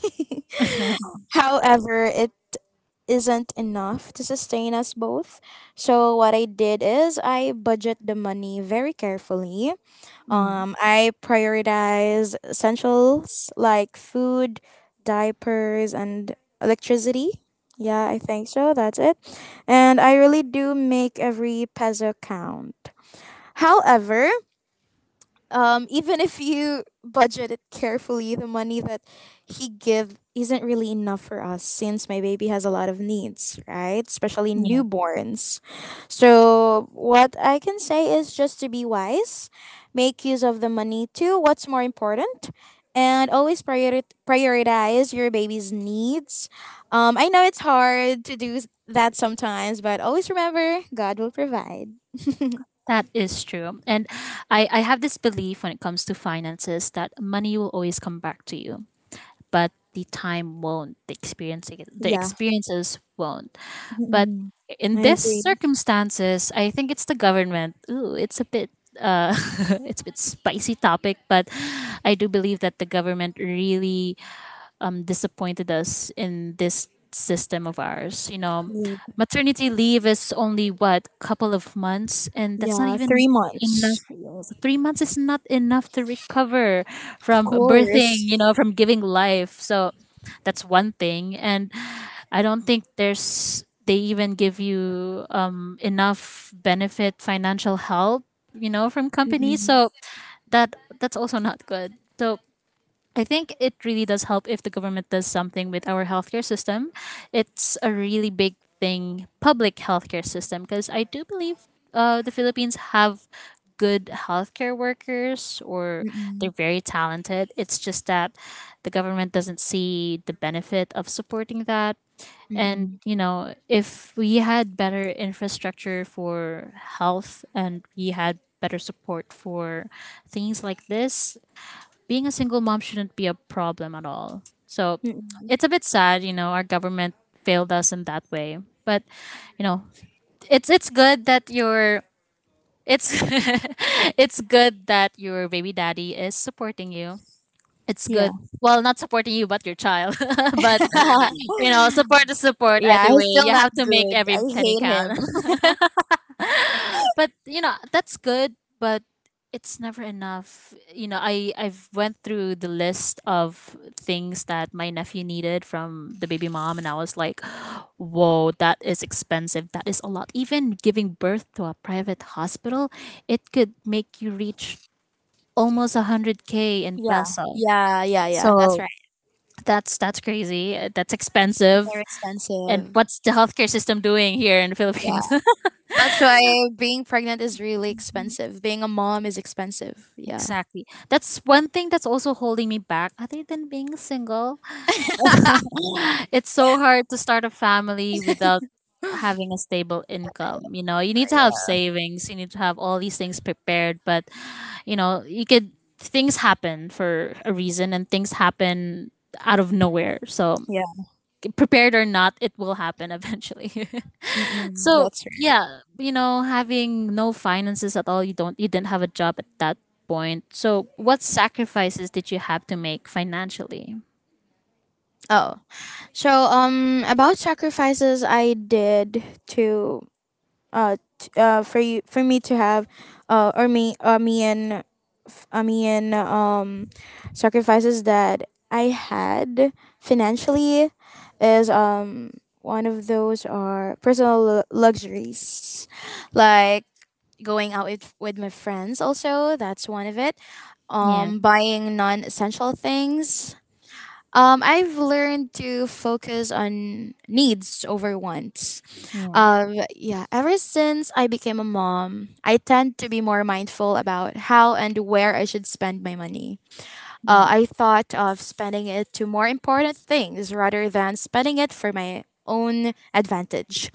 Speaker 2: However, it isn't enough to sustain us both. So what I did is I budget the money very carefully.
Speaker 1: Mm,
Speaker 2: I prioritize essentials like food, diapers, and electricity. Yeah, I think so. That's it. And I really do make every peso count. However, even if you budget it carefully, the money that he give isn't really enough for us since my baby has a lot of needs, right? Especially
Speaker 1: yeah.
Speaker 2: newborns. So what I can say is just to be wise, make use of the money to what's more important, and always prioritize your baby's needs. I know it's hard to do that sometimes, but always remember God will provide.
Speaker 1: That is true. And I have this belief when it comes to finances, that money will always come back to you, but the time won't, the
Speaker 2: Yeah,
Speaker 1: experiences won't. But
Speaker 2: Mhm. I
Speaker 1: in this
Speaker 2: agree.
Speaker 1: circumstances, I think it's the government. Ooh, it's a bit, uh, it's a bit spicy topic, but I do believe that the government really, disappointed us in this system of ours. You know, maternity leave is only, what, couple of months, and that's not
Speaker 2: Yeah,
Speaker 1: even
Speaker 2: 3 months.
Speaker 1: enough. 3 months is not enough to recover
Speaker 2: Of
Speaker 1: from
Speaker 2: course.
Speaker 1: birthing. You know, from giving life. So that's one thing, and I don't think there's they even give you enough benefit, financial help, you know, from companies.
Speaker 2: Mm-mm,
Speaker 1: So that, that's also not good. So I think it really does help if the government does something with our healthcare system. It's a really big thing, public healthcare system, because I do believe the Philippines have good healthcare workers, or
Speaker 2: mm-mm,
Speaker 1: they're very talented. It's just that the government doesn't see the benefit of supporting that. And,
Speaker 2: mm-mm,
Speaker 1: you know, if we had better infrastructure for health, and we had better support for things like this, being a single mom shouldn't be at all. So it's a
Speaker 2: mm-mm.
Speaker 1: bit sad, you know, our government failed that way. But, you know, it's good that your, it's it's good that your baby daddy is supporting you. It's
Speaker 2: Yeah.
Speaker 1: good. Well, not supporting you, but your child. But, you know, support is support
Speaker 2: yeah,
Speaker 1: either way.
Speaker 2: he's still
Speaker 1: You
Speaker 2: not
Speaker 1: have to make
Speaker 2: good.
Speaker 1: every
Speaker 2: I
Speaker 1: penny
Speaker 2: hate
Speaker 1: count.
Speaker 2: him.
Speaker 1: But you know, that's good, but it's never enough. You know, I've went through the list of things that my nephew needed from the baby mom, and I was like, whoa, that is expensive, that is a lot. Even giving birth to a private hospital, it could make you reach almost 100K in
Speaker 2: yeah,
Speaker 1: peso.
Speaker 2: yeah, yeah, yeah. That's
Speaker 1: So
Speaker 2: right.
Speaker 1: that's crazy. That's
Speaker 2: It's very
Speaker 1: expensive. And
Speaker 2: expensive.
Speaker 1: what's the healthcare system doing here in the
Speaker 2: Yeah.
Speaker 1: Philippines?
Speaker 2: That's why being pregnant is really expensive. Being a mom is expensive. Yeah.
Speaker 1: Exactly. That's one thing that's also holding me back, other than being single. It's so hard to start a family without having a stable income. You know, you need to have savings, you need to have all these things prepared, but, you know, you could, things happen for a reason, and things happen out of nowhere. So,
Speaker 2: yeah.
Speaker 1: prepared or not, it will happen eventually.
Speaker 2: Mm-mm,
Speaker 1: So
Speaker 2: that's right.
Speaker 1: yeah, you know, having no finances at all, you don't, you didn't have a job at that point. So what sacrifices did you have to make financially?
Speaker 2: Oh. So, about sacrifices I did to t- for you for me to have or me me and me and sacrifices that I had financially is one of those are personal luxuries like going out with, my friends also that's one of it
Speaker 1: Yeah,
Speaker 2: um buying non-essential things. I've learned to focus on needs over wants.
Speaker 1: yeah,
Speaker 2: Yeah, ever since I became a mom, I tend to be more mindful about how and where I should spend my money. I
Speaker 1: mm,
Speaker 2: thought of spending it to more important things rather than spending it for my own advantage.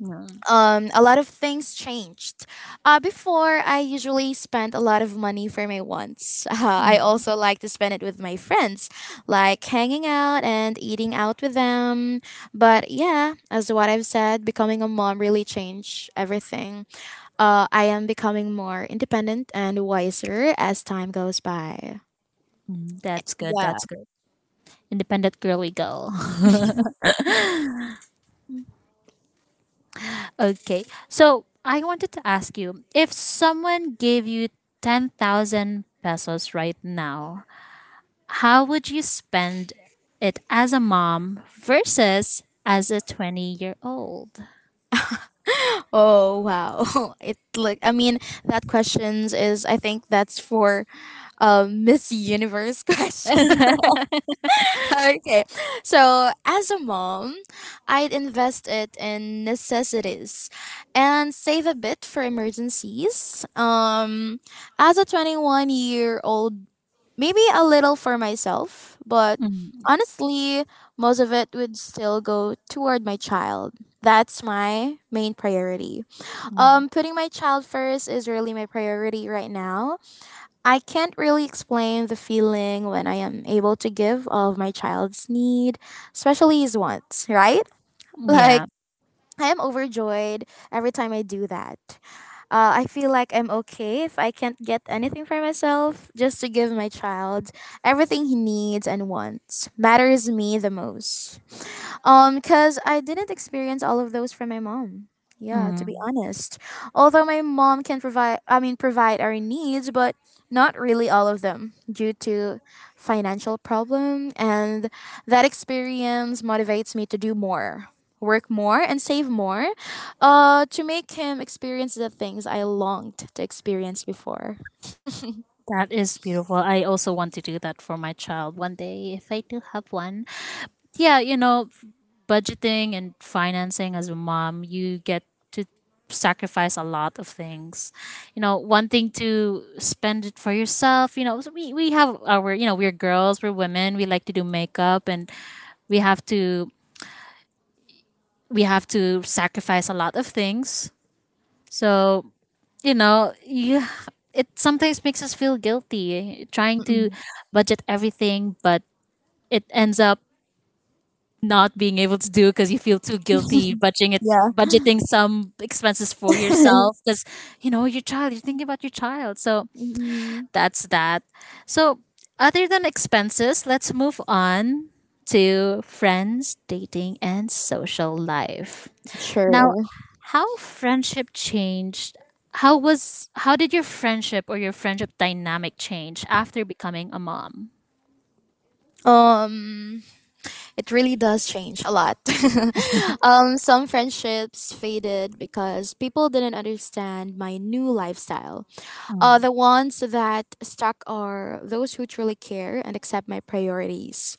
Speaker 1: yeah.
Speaker 2: A lot of things changed. Before, I usually spent a lot of money for my wants. I also like to spend it with my friends, like hanging out and eating out with them. But yeah, as what I've said, becoming a mom really changed everything. I am becoming more independent and wiser as time goes by.
Speaker 1: That's good.
Speaker 2: Yeah.
Speaker 1: That's good. Independent girly girl. Okay, so I wanted to ask you, if someone gave you 10,000 pesos right now, how would you spend it as a mom versus as a 20-year old?
Speaker 2: Oh wow. It like I mean that questions is I think that's for Miss Universe question. Okay. So, as a mom, I'd invest it in necessities and save a bit for emergencies. As a 21-year-old, maybe a little for myself, but honestly, most of it would still go toward my child. That's my main priority.
Speaker 1: Mm.
Speaker 2: Putting my child first is really my priority right now. I can't really explain the feeling when I am able to give all of my child's need, especially his wants, right? Like,
Speaker 1: Yeah,
Speaker 2: I am overjoyed every time I do that. I feel like I'm okay if I can't get anything for myself, just to give my child everything he needs and wants matters me the most. Because I didn't experience all of those from my mom. Yeah, to
Speaker 1: mm,
Speaker 2: be honest. Although my mom can provide our needs, but not really all of them due to financial problem. And that experience motivates me to do more, work more, and save more, to make him experience the things I longed to experience before.
Speaker 1: that is beautiful. I also want to do that for my child one day if I do have one. Yeah, you know, budgeting and financing as a mom, you get to sacrifice a lot of things. You know, wanting to spend it for yourself, you know, so we, have our, you know, we're girls, we're women, we like to do makeup, and we have to, we have to sacrifice a lot of things. So, you know, you, it sometimes makes us feel guilty trying to
Speaker 2: Mm-mm.
Speaker 1: budget everything, but it ends up not being able to do because you feel too guilty budgeting it,
Speaker 2: Yeah.
Speaker 1: budgeting some expenses for yourself, because, you know, your child, you're thinking about your child. So
Speaker 2: Mm-mm.
Speaker 1: that's that. So other than expenses, let's move on to friends, dating, and social life. Now,
Speaker 2: Sure.
Speaker 1: how friendship changed? How did your friendship or your friendship dynamic change after becoming a mom?
Speaker 2: Um, it really does change a lot. Some friendships faded because people didn't understand my new lifestyle.
Speaker 1: Mm,
Speaker 2: The ones that stuck are those who truly care and accept my priorities.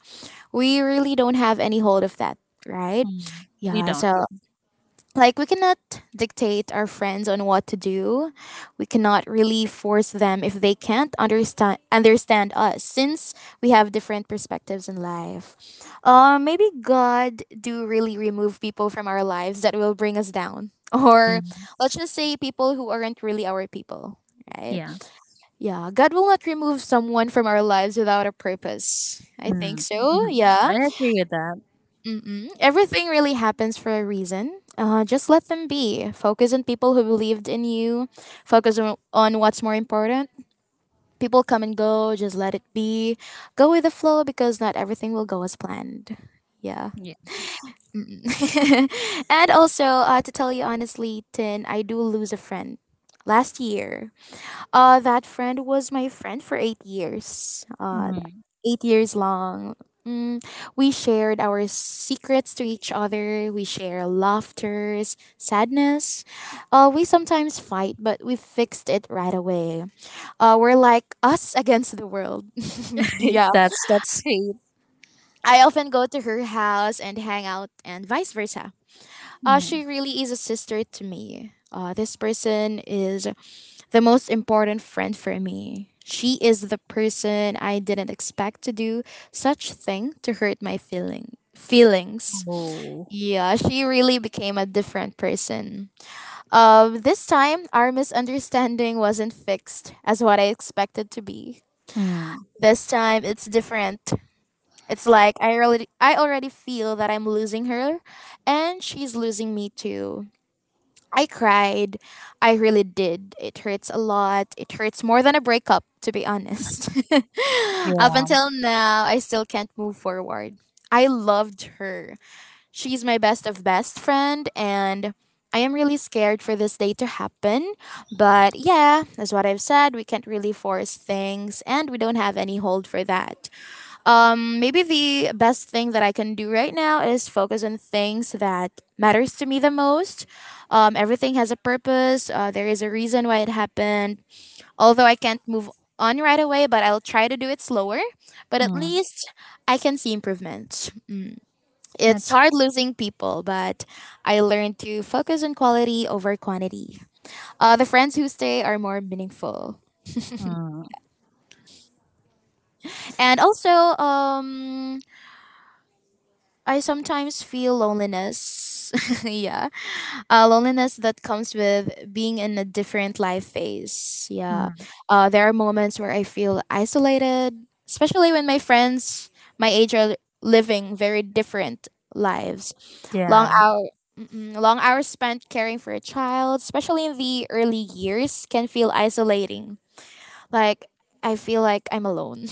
Speaker 2: We really don't have any hold of that, right?
Speaker 1: mm. You
Speaker 2: Yeah,
Speaker 1: don't.
Speaker 2: so
Speaker 1: Yeah.
Speaker 2: like we cannot dictate our friends on what to do. We cannot really force them if they can't understand us, since we have different perspectives in life. Maybe god do really remove people from our lives that will bring us down, or let's just say people who aren't really our people, right?
Speaker 1: Yeah.
Speaker 2: Yeah, god will not remove someone from our lives without a purpose, I
Speaker 1: Mm,
Speaker 2: think so.
Speaker 1: mhm.
Speaker 2: Yeah.
Speaker 1: I agree with that.
Speaker 2: Mm-mm. Everything really happens for a reason. Just let them be. Focus on people who believed in you. Focus on, what's more important. People come and go. Just let it be. Go with the flow because not everything will go as planned. Yeah.
Speaker 1: Yeah.
Speaker 2: Mm-mm. and also, to tell you honestly, Tin, I do lose a friend last year. That friend was my friend for 8 years.
Speaker 1: Mm.
Speaker 2: 8 years long. Mm, we shared our secrets to each other. We share laughters, sadness. We sometimes fight, but we fixed it right away. We're like us against the world. yeah.
Speaker 1: That's sweet.
Speaker 2: I often go to her house and hang out, and vice versa.
Speaker 1: Mm.
Speaker 2: She really is a sister to me. This person is the most important friend for me. She is the person I didn't expect to do such thing to hurt my feelings.
Speaker 1: Oh.
Speaker 2: Yeah, she really became a different person. This time our misunderstanding wasn't fixed as what I expected to be.
Speaker 1: Mm.
Speaker 2: This time it's different. It's like I already feel that I'm losing her and she's losing me too. I cried. I really did. It hurts a lot. It hurts more than a breakup, to be honest. Up
Speaker 1: Yeah.
Speaker 2: until now, I still can't move forward. I loved her. She's my best of best friend, and I am really scared for this day to happen. But yeah, as what I've said, we can't really force things, and we don't have any hold for that. Maybe the best thing that I can do right now is focus on things that matters to me the most. Everything has a purpose. There is a reason why it happened. Although I can't move on right away, but I'll try to do it slower. But at
Speaker 1: Mm.
Speaker 2: least I can see improvements. It's
Speaker 1: That's.
Speaker 2: hard losing people, but I learned to focus on quality over quantity. The friends who stay are more meaningful.
Speaker 1: Mm.
Speaker 2: And also, um, I sometimes feel loneliness. yeah. Loneliness that comes with being in a different life phase. Yeah.
Speaker 1: Mm.
Speaker 2: There are moments where I feel isolated, especially when my friends my age are living very different lives. Long
Speaker 1: Yeah.
Speaker 2: hour. Long hours spent caring for a child, especially in the early years, can feel isolating. Like, I feel like I'm alone.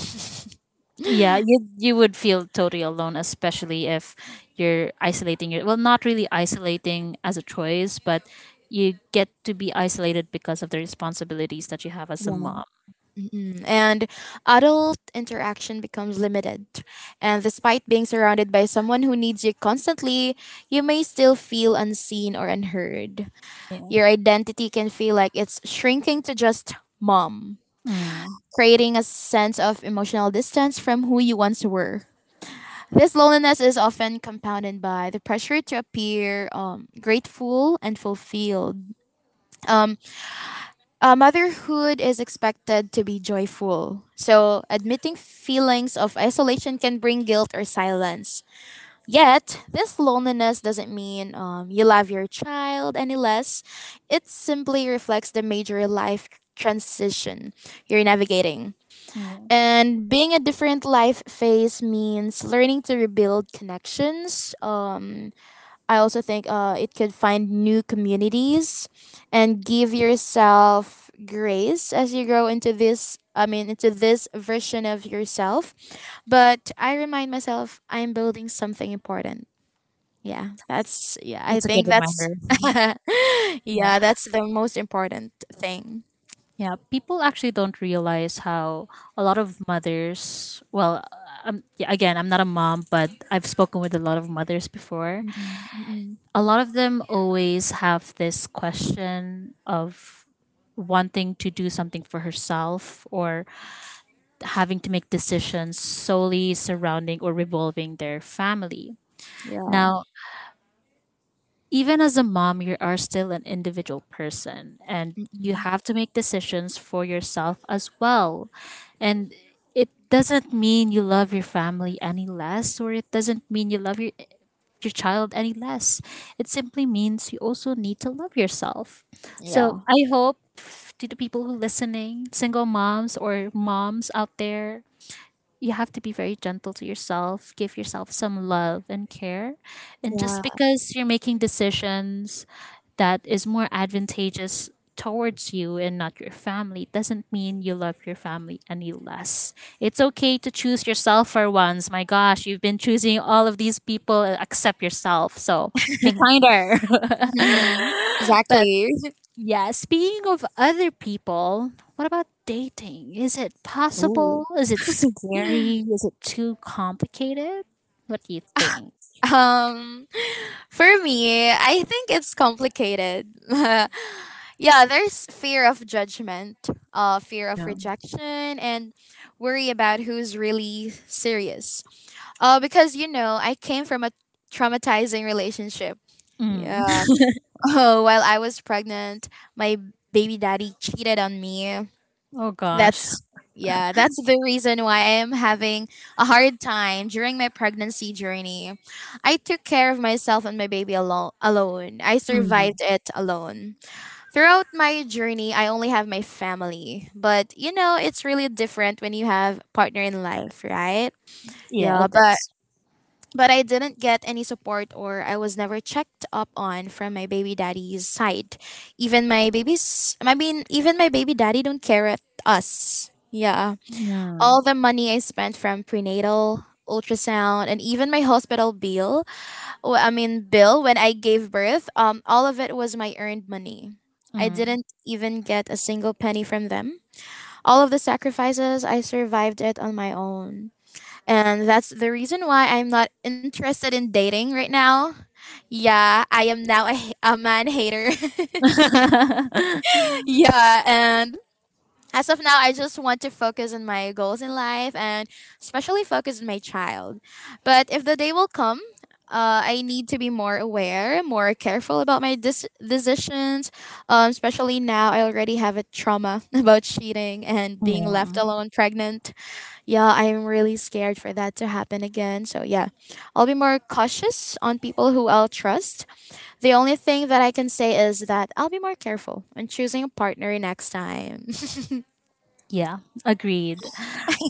Speaker 1: Yeah, you would feel totally alone, especially if you're isolating your, well, not really isolating as a choice, but you get to be isolated because of the responsibilities that you have as a mom.
Speaker 2: Mhm. And adult interaction becomes limited. And despite being surrounded by someone who needs you constantly, you may still feel unseen or unheard.
Speaker 1: Yeah.
Speaker 2: Your identity can feel like it's shrinking to just mom,
Speaker 1: Mm,
Speaker 2: creating a sense of emotional distance from who you once were. This loneliness is often compounded by the pressure to appear grateful and fulfilled. Um, motherhood is expected to be joyful, so admitting feelings of isolation can bring guilt or silence. Yet, this loneliness doesn't mean you love your child any less. It simply reflects the major life transition you're navigating.
Speaker 1: yeah.
Speaker 2: And being a different life phase means learning to rebuild connections. I also think it could find new communities and give yourself grace as you grow into this version of yourself. But I remind myself I'm building something important. Yeah, that's yeah, I
Speaker 1: That's a good
Speaker 2: think that's
Speaker 1: reminder. Yeah.
Speaker 2: yeah, that's the most important thing.
Speaker 1: Yeah. People actually don't realize how a lot of mothers, well, yeah, again, I'm not a mom, but I've spoken with a lot of mothers before, a lot of them always have this question of wanting to do something for herself, or having to make decisions solely surrounding or revolving their family.
Speaker 2: Yeah.
Speaker 1: Now, even as a mom, you are still an individual person, and you
Speaker 2: Mm-mm.
Speaker 1: have to make decisions for yourself as well. And it doesn't mean you love your family any less, or it doesn't mean you love your child any less. It simply means you also need to love yourself. So
Speaker 2: Yeah.
Speaker 1: I hope to the people who listening, single moms or moms out there, you have to be very gentle to yourself, give yourself some love and care. And just
Speaker 2: Yeah.
Speaker 1: because you're making decisions that is more advantageous towards you and not your family doesn't mean you love your family any less. It's okay to choose yourself for once. My gosh, you've been choosing all of these people except yourself. So be kinder.
Speaker 2: Mhm.
Speaker 1: But
Speaker 2: Exactly.
Speaker 1: yeah, speaking of other people, what about dating? Is it
Speaker 2: Ooh.
Speaker 1: possible? Is it scary? Is it too complicated? What do you think?
Speaker 2: Um, for me, I think it's complicated. yeah, there's fear of judgment, fear of
Speaker 1: No.
Speaker 2: rejection, and worry about who's really serious. Because, you know, I came from a traumatizing relationship.
Speaker 1: Mm.
Speaker 2: Yeah. Oh, while I was pregnant, my baby daddy cheated on me.
Speaker 1: Oh gosh.
Speaker 2: That's yeah, that's the reason why I am having a hard time during my pregnancy journey. I took care of myself and my baby alone. Alone, I
Speaker 1: Mm.
Speaker 2: survived it alone. Throughout my journey, I only have my family, but you know, it's really different when you have partner in life, right?
Speaker 1: Yeah,
Speaker 2: Yeah,
Speaker 1: it
Speaker 2: but
Speaker 1: is.
Speaker 2: but I didn't get any support or I was never checked up on from my baby daddy's side. Even my baby's I mean even my baby daddy don't care at us. Yeah.
Speaker 1: Mm.
Speaker 2: All the money I spent from prenatal, ultrasound, and even my hospital bill, bill when I gave birth, all of it was my earned money. I
Speaker 1: Mm.
Speaker 2: didn't even get a single penny from them. All of the sacrifices, I survived it on my own. And that's the reason why I'm not interested in dating right now. Yeah, I am now a man hater. yeah, and As of now, I just want to focus on my goals in life and especially focus on my child. But if the day will come, I need to be more aware, more careful about my decisions. Especially now, I already have a trauma about cheating and being
Speaker 1: Mm.
Speaker 2: left alone pregnant. Yeah, I am really scared for that to happen again. So, yeah, I'll be more cautious on people who I'll trust. The only thing that I can say is that I'll be more careful on choosing a partner next time.
Speaker 1: Yeah, agreed.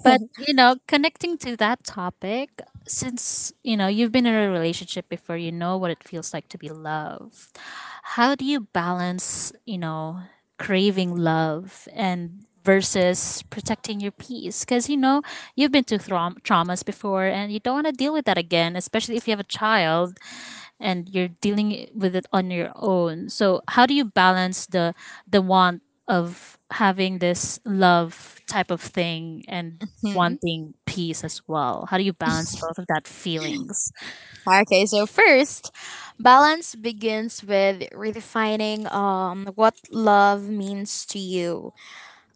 Speaker 1: Connecting to that topic, since, you've been in a relationship before, you know what it feels like to be loved. How do you balance, craving love and versus protecting your peace? Because, you've been through traumas before and you don't want to deal with that again, especially if you have a child and you're dealing with it on your own. So how do you balance the want of having this love type of thing and wanting peace as well? How do you balance both of that feelings?
Speaker 2: Okay, so first, balance begins with redefining what love means to you.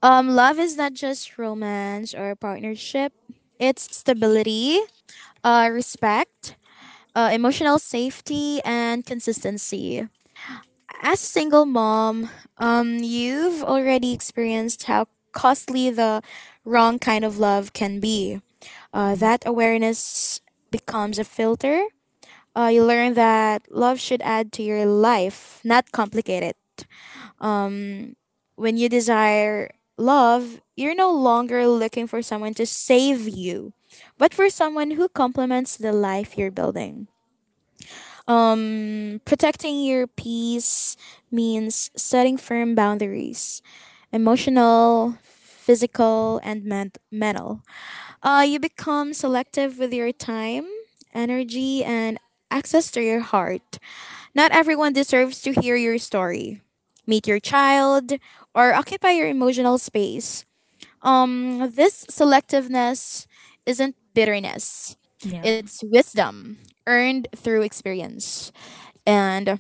Speaker 2: Love is not just romance or partnership. It's stability, respect, emotional safety and consistency. As a single mom, you've already experienced how costly the wrong kind of love can be.
Speaker 1: Mm.
Speaker 2: That awareness becomes a filter. You learn that love should add to your life, not complicate it. When you desire love, you're no longer looking for someone to save you, but for someone who complements the life you're building. Protecting your peace means setting firm boundaries: emotional, physical, and mental. You become selective with your time, energy, and access to your heart. Not everyone deserves to hear your story, meet your child, or occupy your emotional space. This selectiveness isn't bitterness,
Speaker 1: Yeah.
Speaker 2: it's wisdom earned through experience. And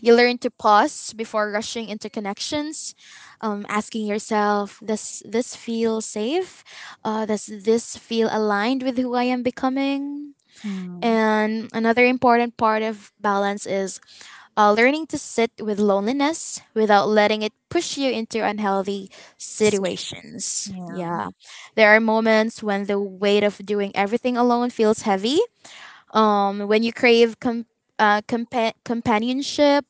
Speaker 2: you learn to pause before rushing into connections, asking yourself, does this feel safe? Does this feel aligned with who I am becoming?
Speaker 1: Mm,
Speaker 2: And another important part of balance is learning to sit with loneliness without letting it push you into unhealthy
Speaker 1: such-
Speaker 2: situations.
Speaker 1: yeah.
Speaker 2: Yeah. There are moments when the weight of doing everything alone feels heavy. When you crave companionship,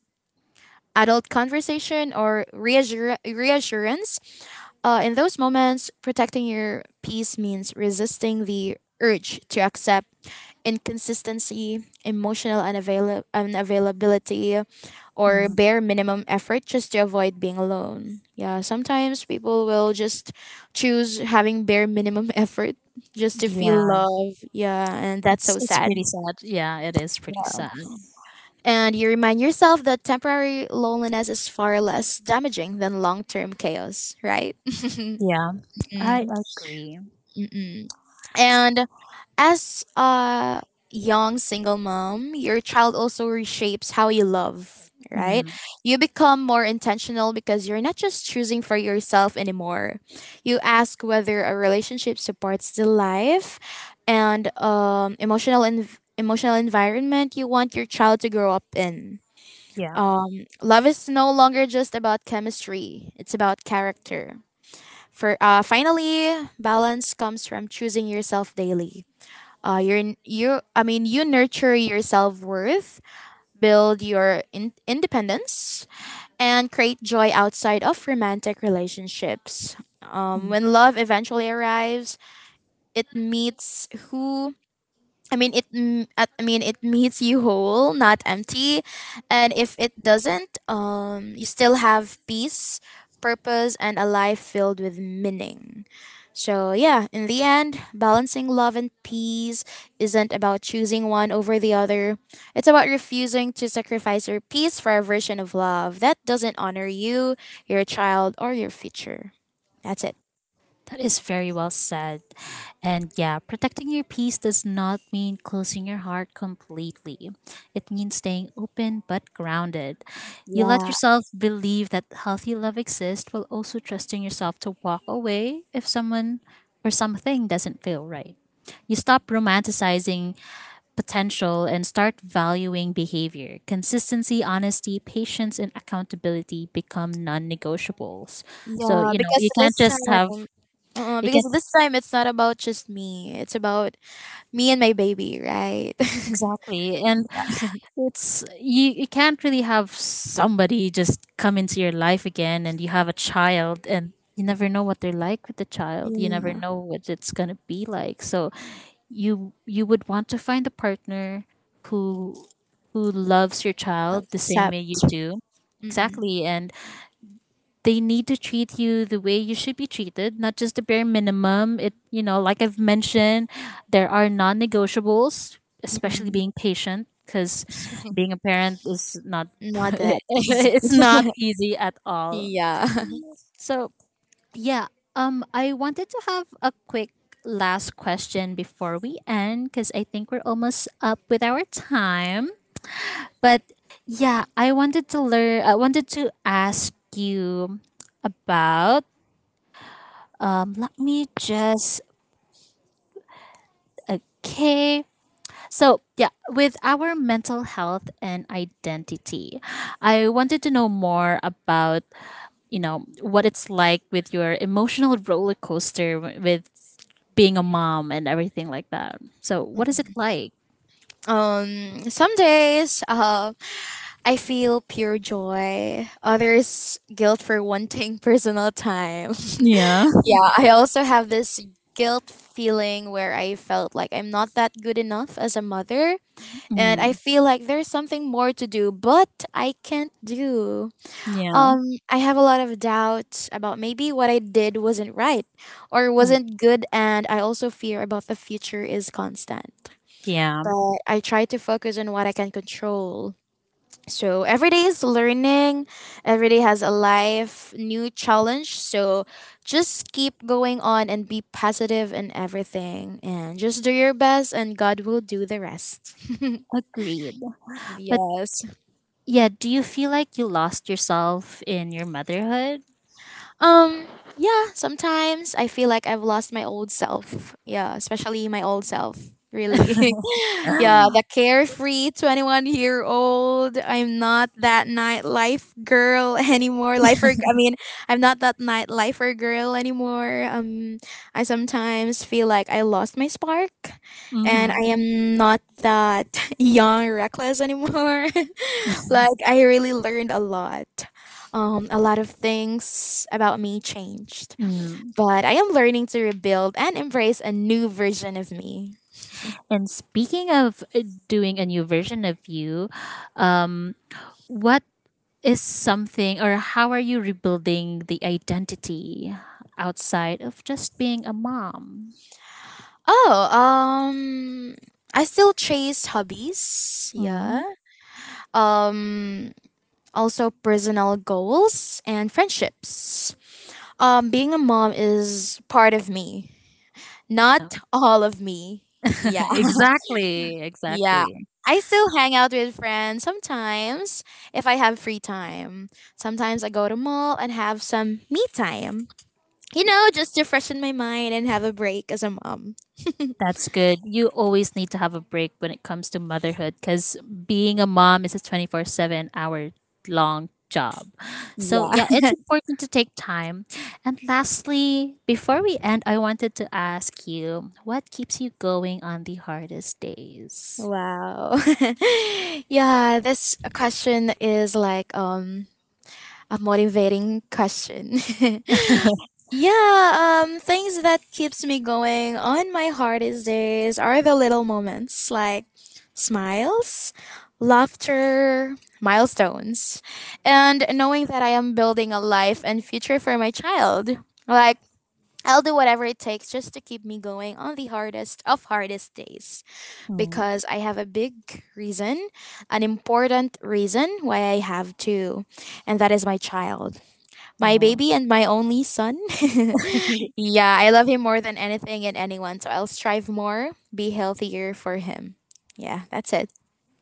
Speaker 2: adult conversation, or reassurance. In those moments, protecting your peace means resisting the urge to accept inconsistency, emotional unavailability, or
Speaker 1: Mm.
Speaker 2: bare minimum effort just to avoid being alone. Yeah, sometimes people will just choose having bare minimum effort just to feel
Speaker 1: Yeah.
Speaker 2: love. Yeah, and that's
Speaker 1: It's
Speaker 2: so
Speaker 1: it's pretty
Speaker 2: sad.
Speaker 1: sad. Yeah, it is pretty sad.
Speaker 2: And you remind yourself that temporary loneliness is far less damaging than long term chaos, right?
Speaker 1: Yeah. I agree.
Speaker 2: Mm-mm. And as a young single mom, your child also reshapes how you love, right?
Speaker 1: Mm.
Speaker 2: You become more intentional because you're not just choosing for yourself anymore. You ask whether a relationship supports the life and emotional emotional environment you want your child to grow up in.
Speaker 1: Yeah.
Speaker 2: Love is no longer just about chemistry; it's about character. For Finally, balance comes from choosing yourself daily. You're n- you. I mean, You nurture your self worth, build your independence, and create joy outside of romantic relationships. When love eventually arrives, it meets who I mean it. M- at- I mean it meets you whole, not empty. And if it doesn't, you still have peace, purpose, and a life filled with meaning. So yeah, in the end, balancing love and peace isn't about choosing one over the other. It's about refusing to sacrifice your peace for a version of love that doesn't honor you, your child, or your future. That's it.
Speaker 1: That is very well said. And yeah, protecting your peace does not mean closing your heart completely. It means staying open but grounded. You let
Speaker 2: Yeah.
Speaker 1: yourself believe that healthy love exists while also trusting yourself to walk away if someone or something doesn't feel right. You stop romanticizing potential and start valuing behavior. Consistency, honesty, patience, and accountability become non negotiables. So,
Speaker 2: Yeah, because
Speaker 1: you can't
Speaker 2: this
Speaker 1: just have
Speaker 2: time, uh,
Speaker 1: you can
Speaker 2: because
Speaker 1: not
Speaker 2: this time it's not about just me. It's about me and my baby, right?
Speaker 1: Exactly. And it's you, you can't really have somebody just come into your life again and you have a child and you never know what they're like with the child. You never
Speaker 2: Yeah,
Speaker 1: know what it's gonna be like. So you would want to find a partner who who loves your child the same
Speaker 2: except
Speaker 1: way you do.
Speaker 2: mm-mm,
Speaker 1: Exactly. And they need to treat you the way you should be treated, not just the bare minimum. It, like I've mentioned, there are non negotiables, especially
Speaker 2: mm-mm.
Speaker 1: being patient, because being a parent is not,
Speaker 2: Not that easy.
Speaker 1: it's not easy at all.
Speaker 2: Yeah.
Speaker 1: So, yeah, I wanted to have a quick last question before we end, because I think we're almost up with our time. But yeah, I wanted to ask you about let me just. Okay. So, yeah, with our mental health and identity, I wanted to know more about, what it's like with your emotional roller coaster with being a mom and everything like that. So, what is it like?
Speaker 2: Some days, I feel pure joy. Others, guilt for wanting personal time.
Speaker 1: Yeah.
Speaker 2: Yeah, I also have this guilt feeling where I felt like I'm not that good enough as a mother, and I
Speaker 1: Mm,
Speaker 2: feel like there's something more to do, but I can't do.
Speaker 1: yeah.
Speaker 2: Um, I have a lot of doubts about maybe what I did wasn't right or
Speaker 1: Mm,
Speaker 2: wasn't good, and I also fear about the future is constant.
Speaker 1: yeah.
Speaker 2: But I try to focus on what I can control. So every day is learning, every day has a life, new challenge. So just keep going on and be positive in everything and just do your best and God will do the rest.
Speaker 1: Agreed. But
Speaker 2: Yes.
Speaker 1: yeah, do you feel like you lost yourself in your motherhood?
Speaker 2: Um, yeah, sometimes I feel like I've lost my old self. Yeah, especially my old self, really. Yeah, the carefree 21-year-old. I'm not that nightlife girl anymore. I'm not that nightlifer girl anymore. I sometimes feel like I lost my spark and I am not that young reckless anymore. Like I really learned a lot. A lot of things about me changed,
Speaker 1: Mm-hmm.
Speaker 2: but I am learning to rebuild and embrace a new version of me.
Speaker 1: And speaking of doing a new version of you, um, what is something or how are you rebuilding the identity outside of just being a mom?
Speaker 2: Oh, I still chase hobbies. Yeah.
Speaker 1: Mm.
Speaker 2: Um, Also personal goals and friendships. Being a mom is part of me, not all of me. Yeah.
Speaker 1: Exactly,
Speaker 2: Yeah.
Speaker 1: exactly.
Speaker 2: I still hang out with friends sometimes if I have free time. Sometimes I go to mall and have some me time. You know, just to freshen my mind and have a break as a mom.
Speaker 1: That's good. You always need to have a break when it comes to motherhood because being a mom is a 24/7 hour long job. So,
Speaker 2: Yeah.
Speaker 1: yeah, it's important to take time. And lastly, before we end, I wanted to ask you what keeps you going on the hardest days?
Speaker 2: Wow. Yeah, this question is like a motivating question. Yeah, things that keeps me going on my hardest days are the little moments like smiles, laughter, milestones, and knowing that I am building a life and future for my child. Like I'll do whatever it takes just to keep me going on the hardest of hardest days
Speaker 1: Mm,
Speaker 2: because I have a big reason, an important reason why I have to, and that is my child, my
Speaker 1: yeah.
Speaker 2: baby and my only son. Yeah, I love him more than anything and anyone, so I'll strive more, be healthier for him. Yeah, that's it.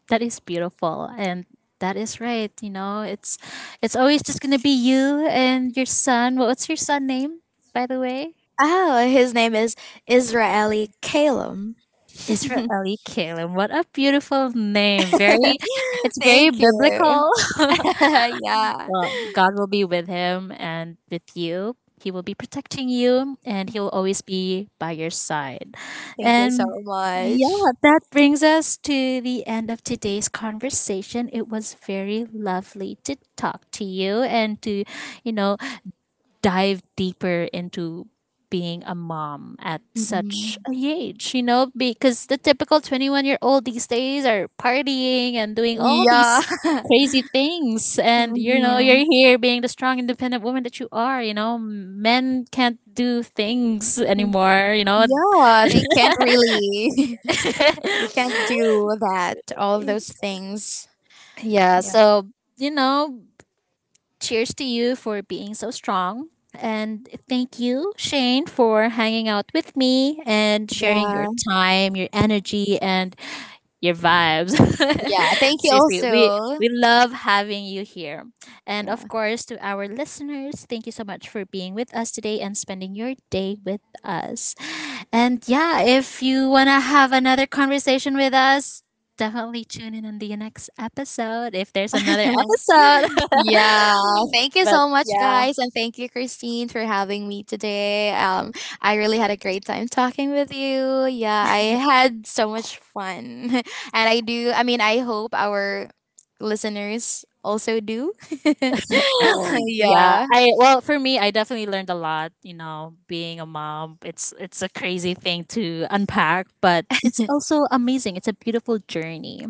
Speaker 1: That is beautiful. And that is right. It's always just going to be you and your son. What's your son name, by the way?
Speaker 2: Oh, his name is Israeli Calum.
Speaker 1: Israel Kalim. What a beautiful name. Very it's very
Speaker 2: Thank you.
Speaker 1: biblical.
Speaker 2: Yeah.
Speaker 1: Well, God will be with him and with you. He will be protecting you and he will always be by your side.
Speaker 2: Thank you so
Speaker 1: And
Speaker 2: much.
Speaker 1: yeah, that brings us to the end of today's conversation. It was very lovely to talk to you and to, you know, dive deeper into being a mom at such a
Speaker 2: Mhm.
Speaker 1: age, because the typical 21-year-old these days are partying and doing all
Speaker 2: Yeah.
Speaker 1: these crazy things. And,
Speaker 2: Mhm.
Speaker 1: you're here being the strong, independent woman that you are, men can't do things anymore,
Speaker 2: Yeah, they can't really. They can't do that, all of those things.
Speaker 1: Yeah.
Speaker 2: Yeah.
Speaker 1: So, you know, cheers to you for being so strong. And thank you, Shane, for hanging out with me and sharing your time, your energy, and your vibes.
Speaker 2: Yeah. Thank you
Speaker 1: Seriously,
Speaker 2: also.
Speaker 1: we love having you here. And
Speaker 2: Yeah.
Speaker 1: of course, to our listeners, thank you so much for being with us today and spending your day with us. And yeah, if you want to have another conversation with us, definitely tune in on the next episode if there's another episode.
Speaker 2: Yeah, thank you
Speaker 1: But
Speaker 2: so much,
Speaker 1: yeah,
Speaker 2: guys, and thank you, Christine, for having me today. I really had a great time talking with you. Yeah, I had so much fun, and I do. I mean, I hope our listeners also do.
Speaker 1: yeah.
Speaker 2: Yeah,
Speaker 1: I well for me, I definitely learned a lot. Being a mom, it's a crazy thing to unpack, but it's also amazing. It's a beautiful journey.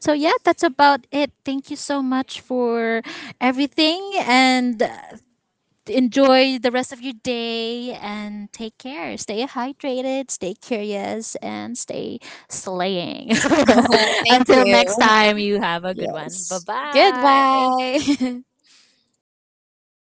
Speaker 1: So yeah, that's about it. Thank you so much for everything, and enjoy the rest of your day. And take care. Stay hydrated. Stay curious, and stay slaying.
Speaker 2: thank
Speaker 1: Until next
Speaker 2: you.
Speaker 1: time, you have a good one. Bye
Speaker 2: Yes.
Speaker 1: bye.
Speaker 2: Goodbye.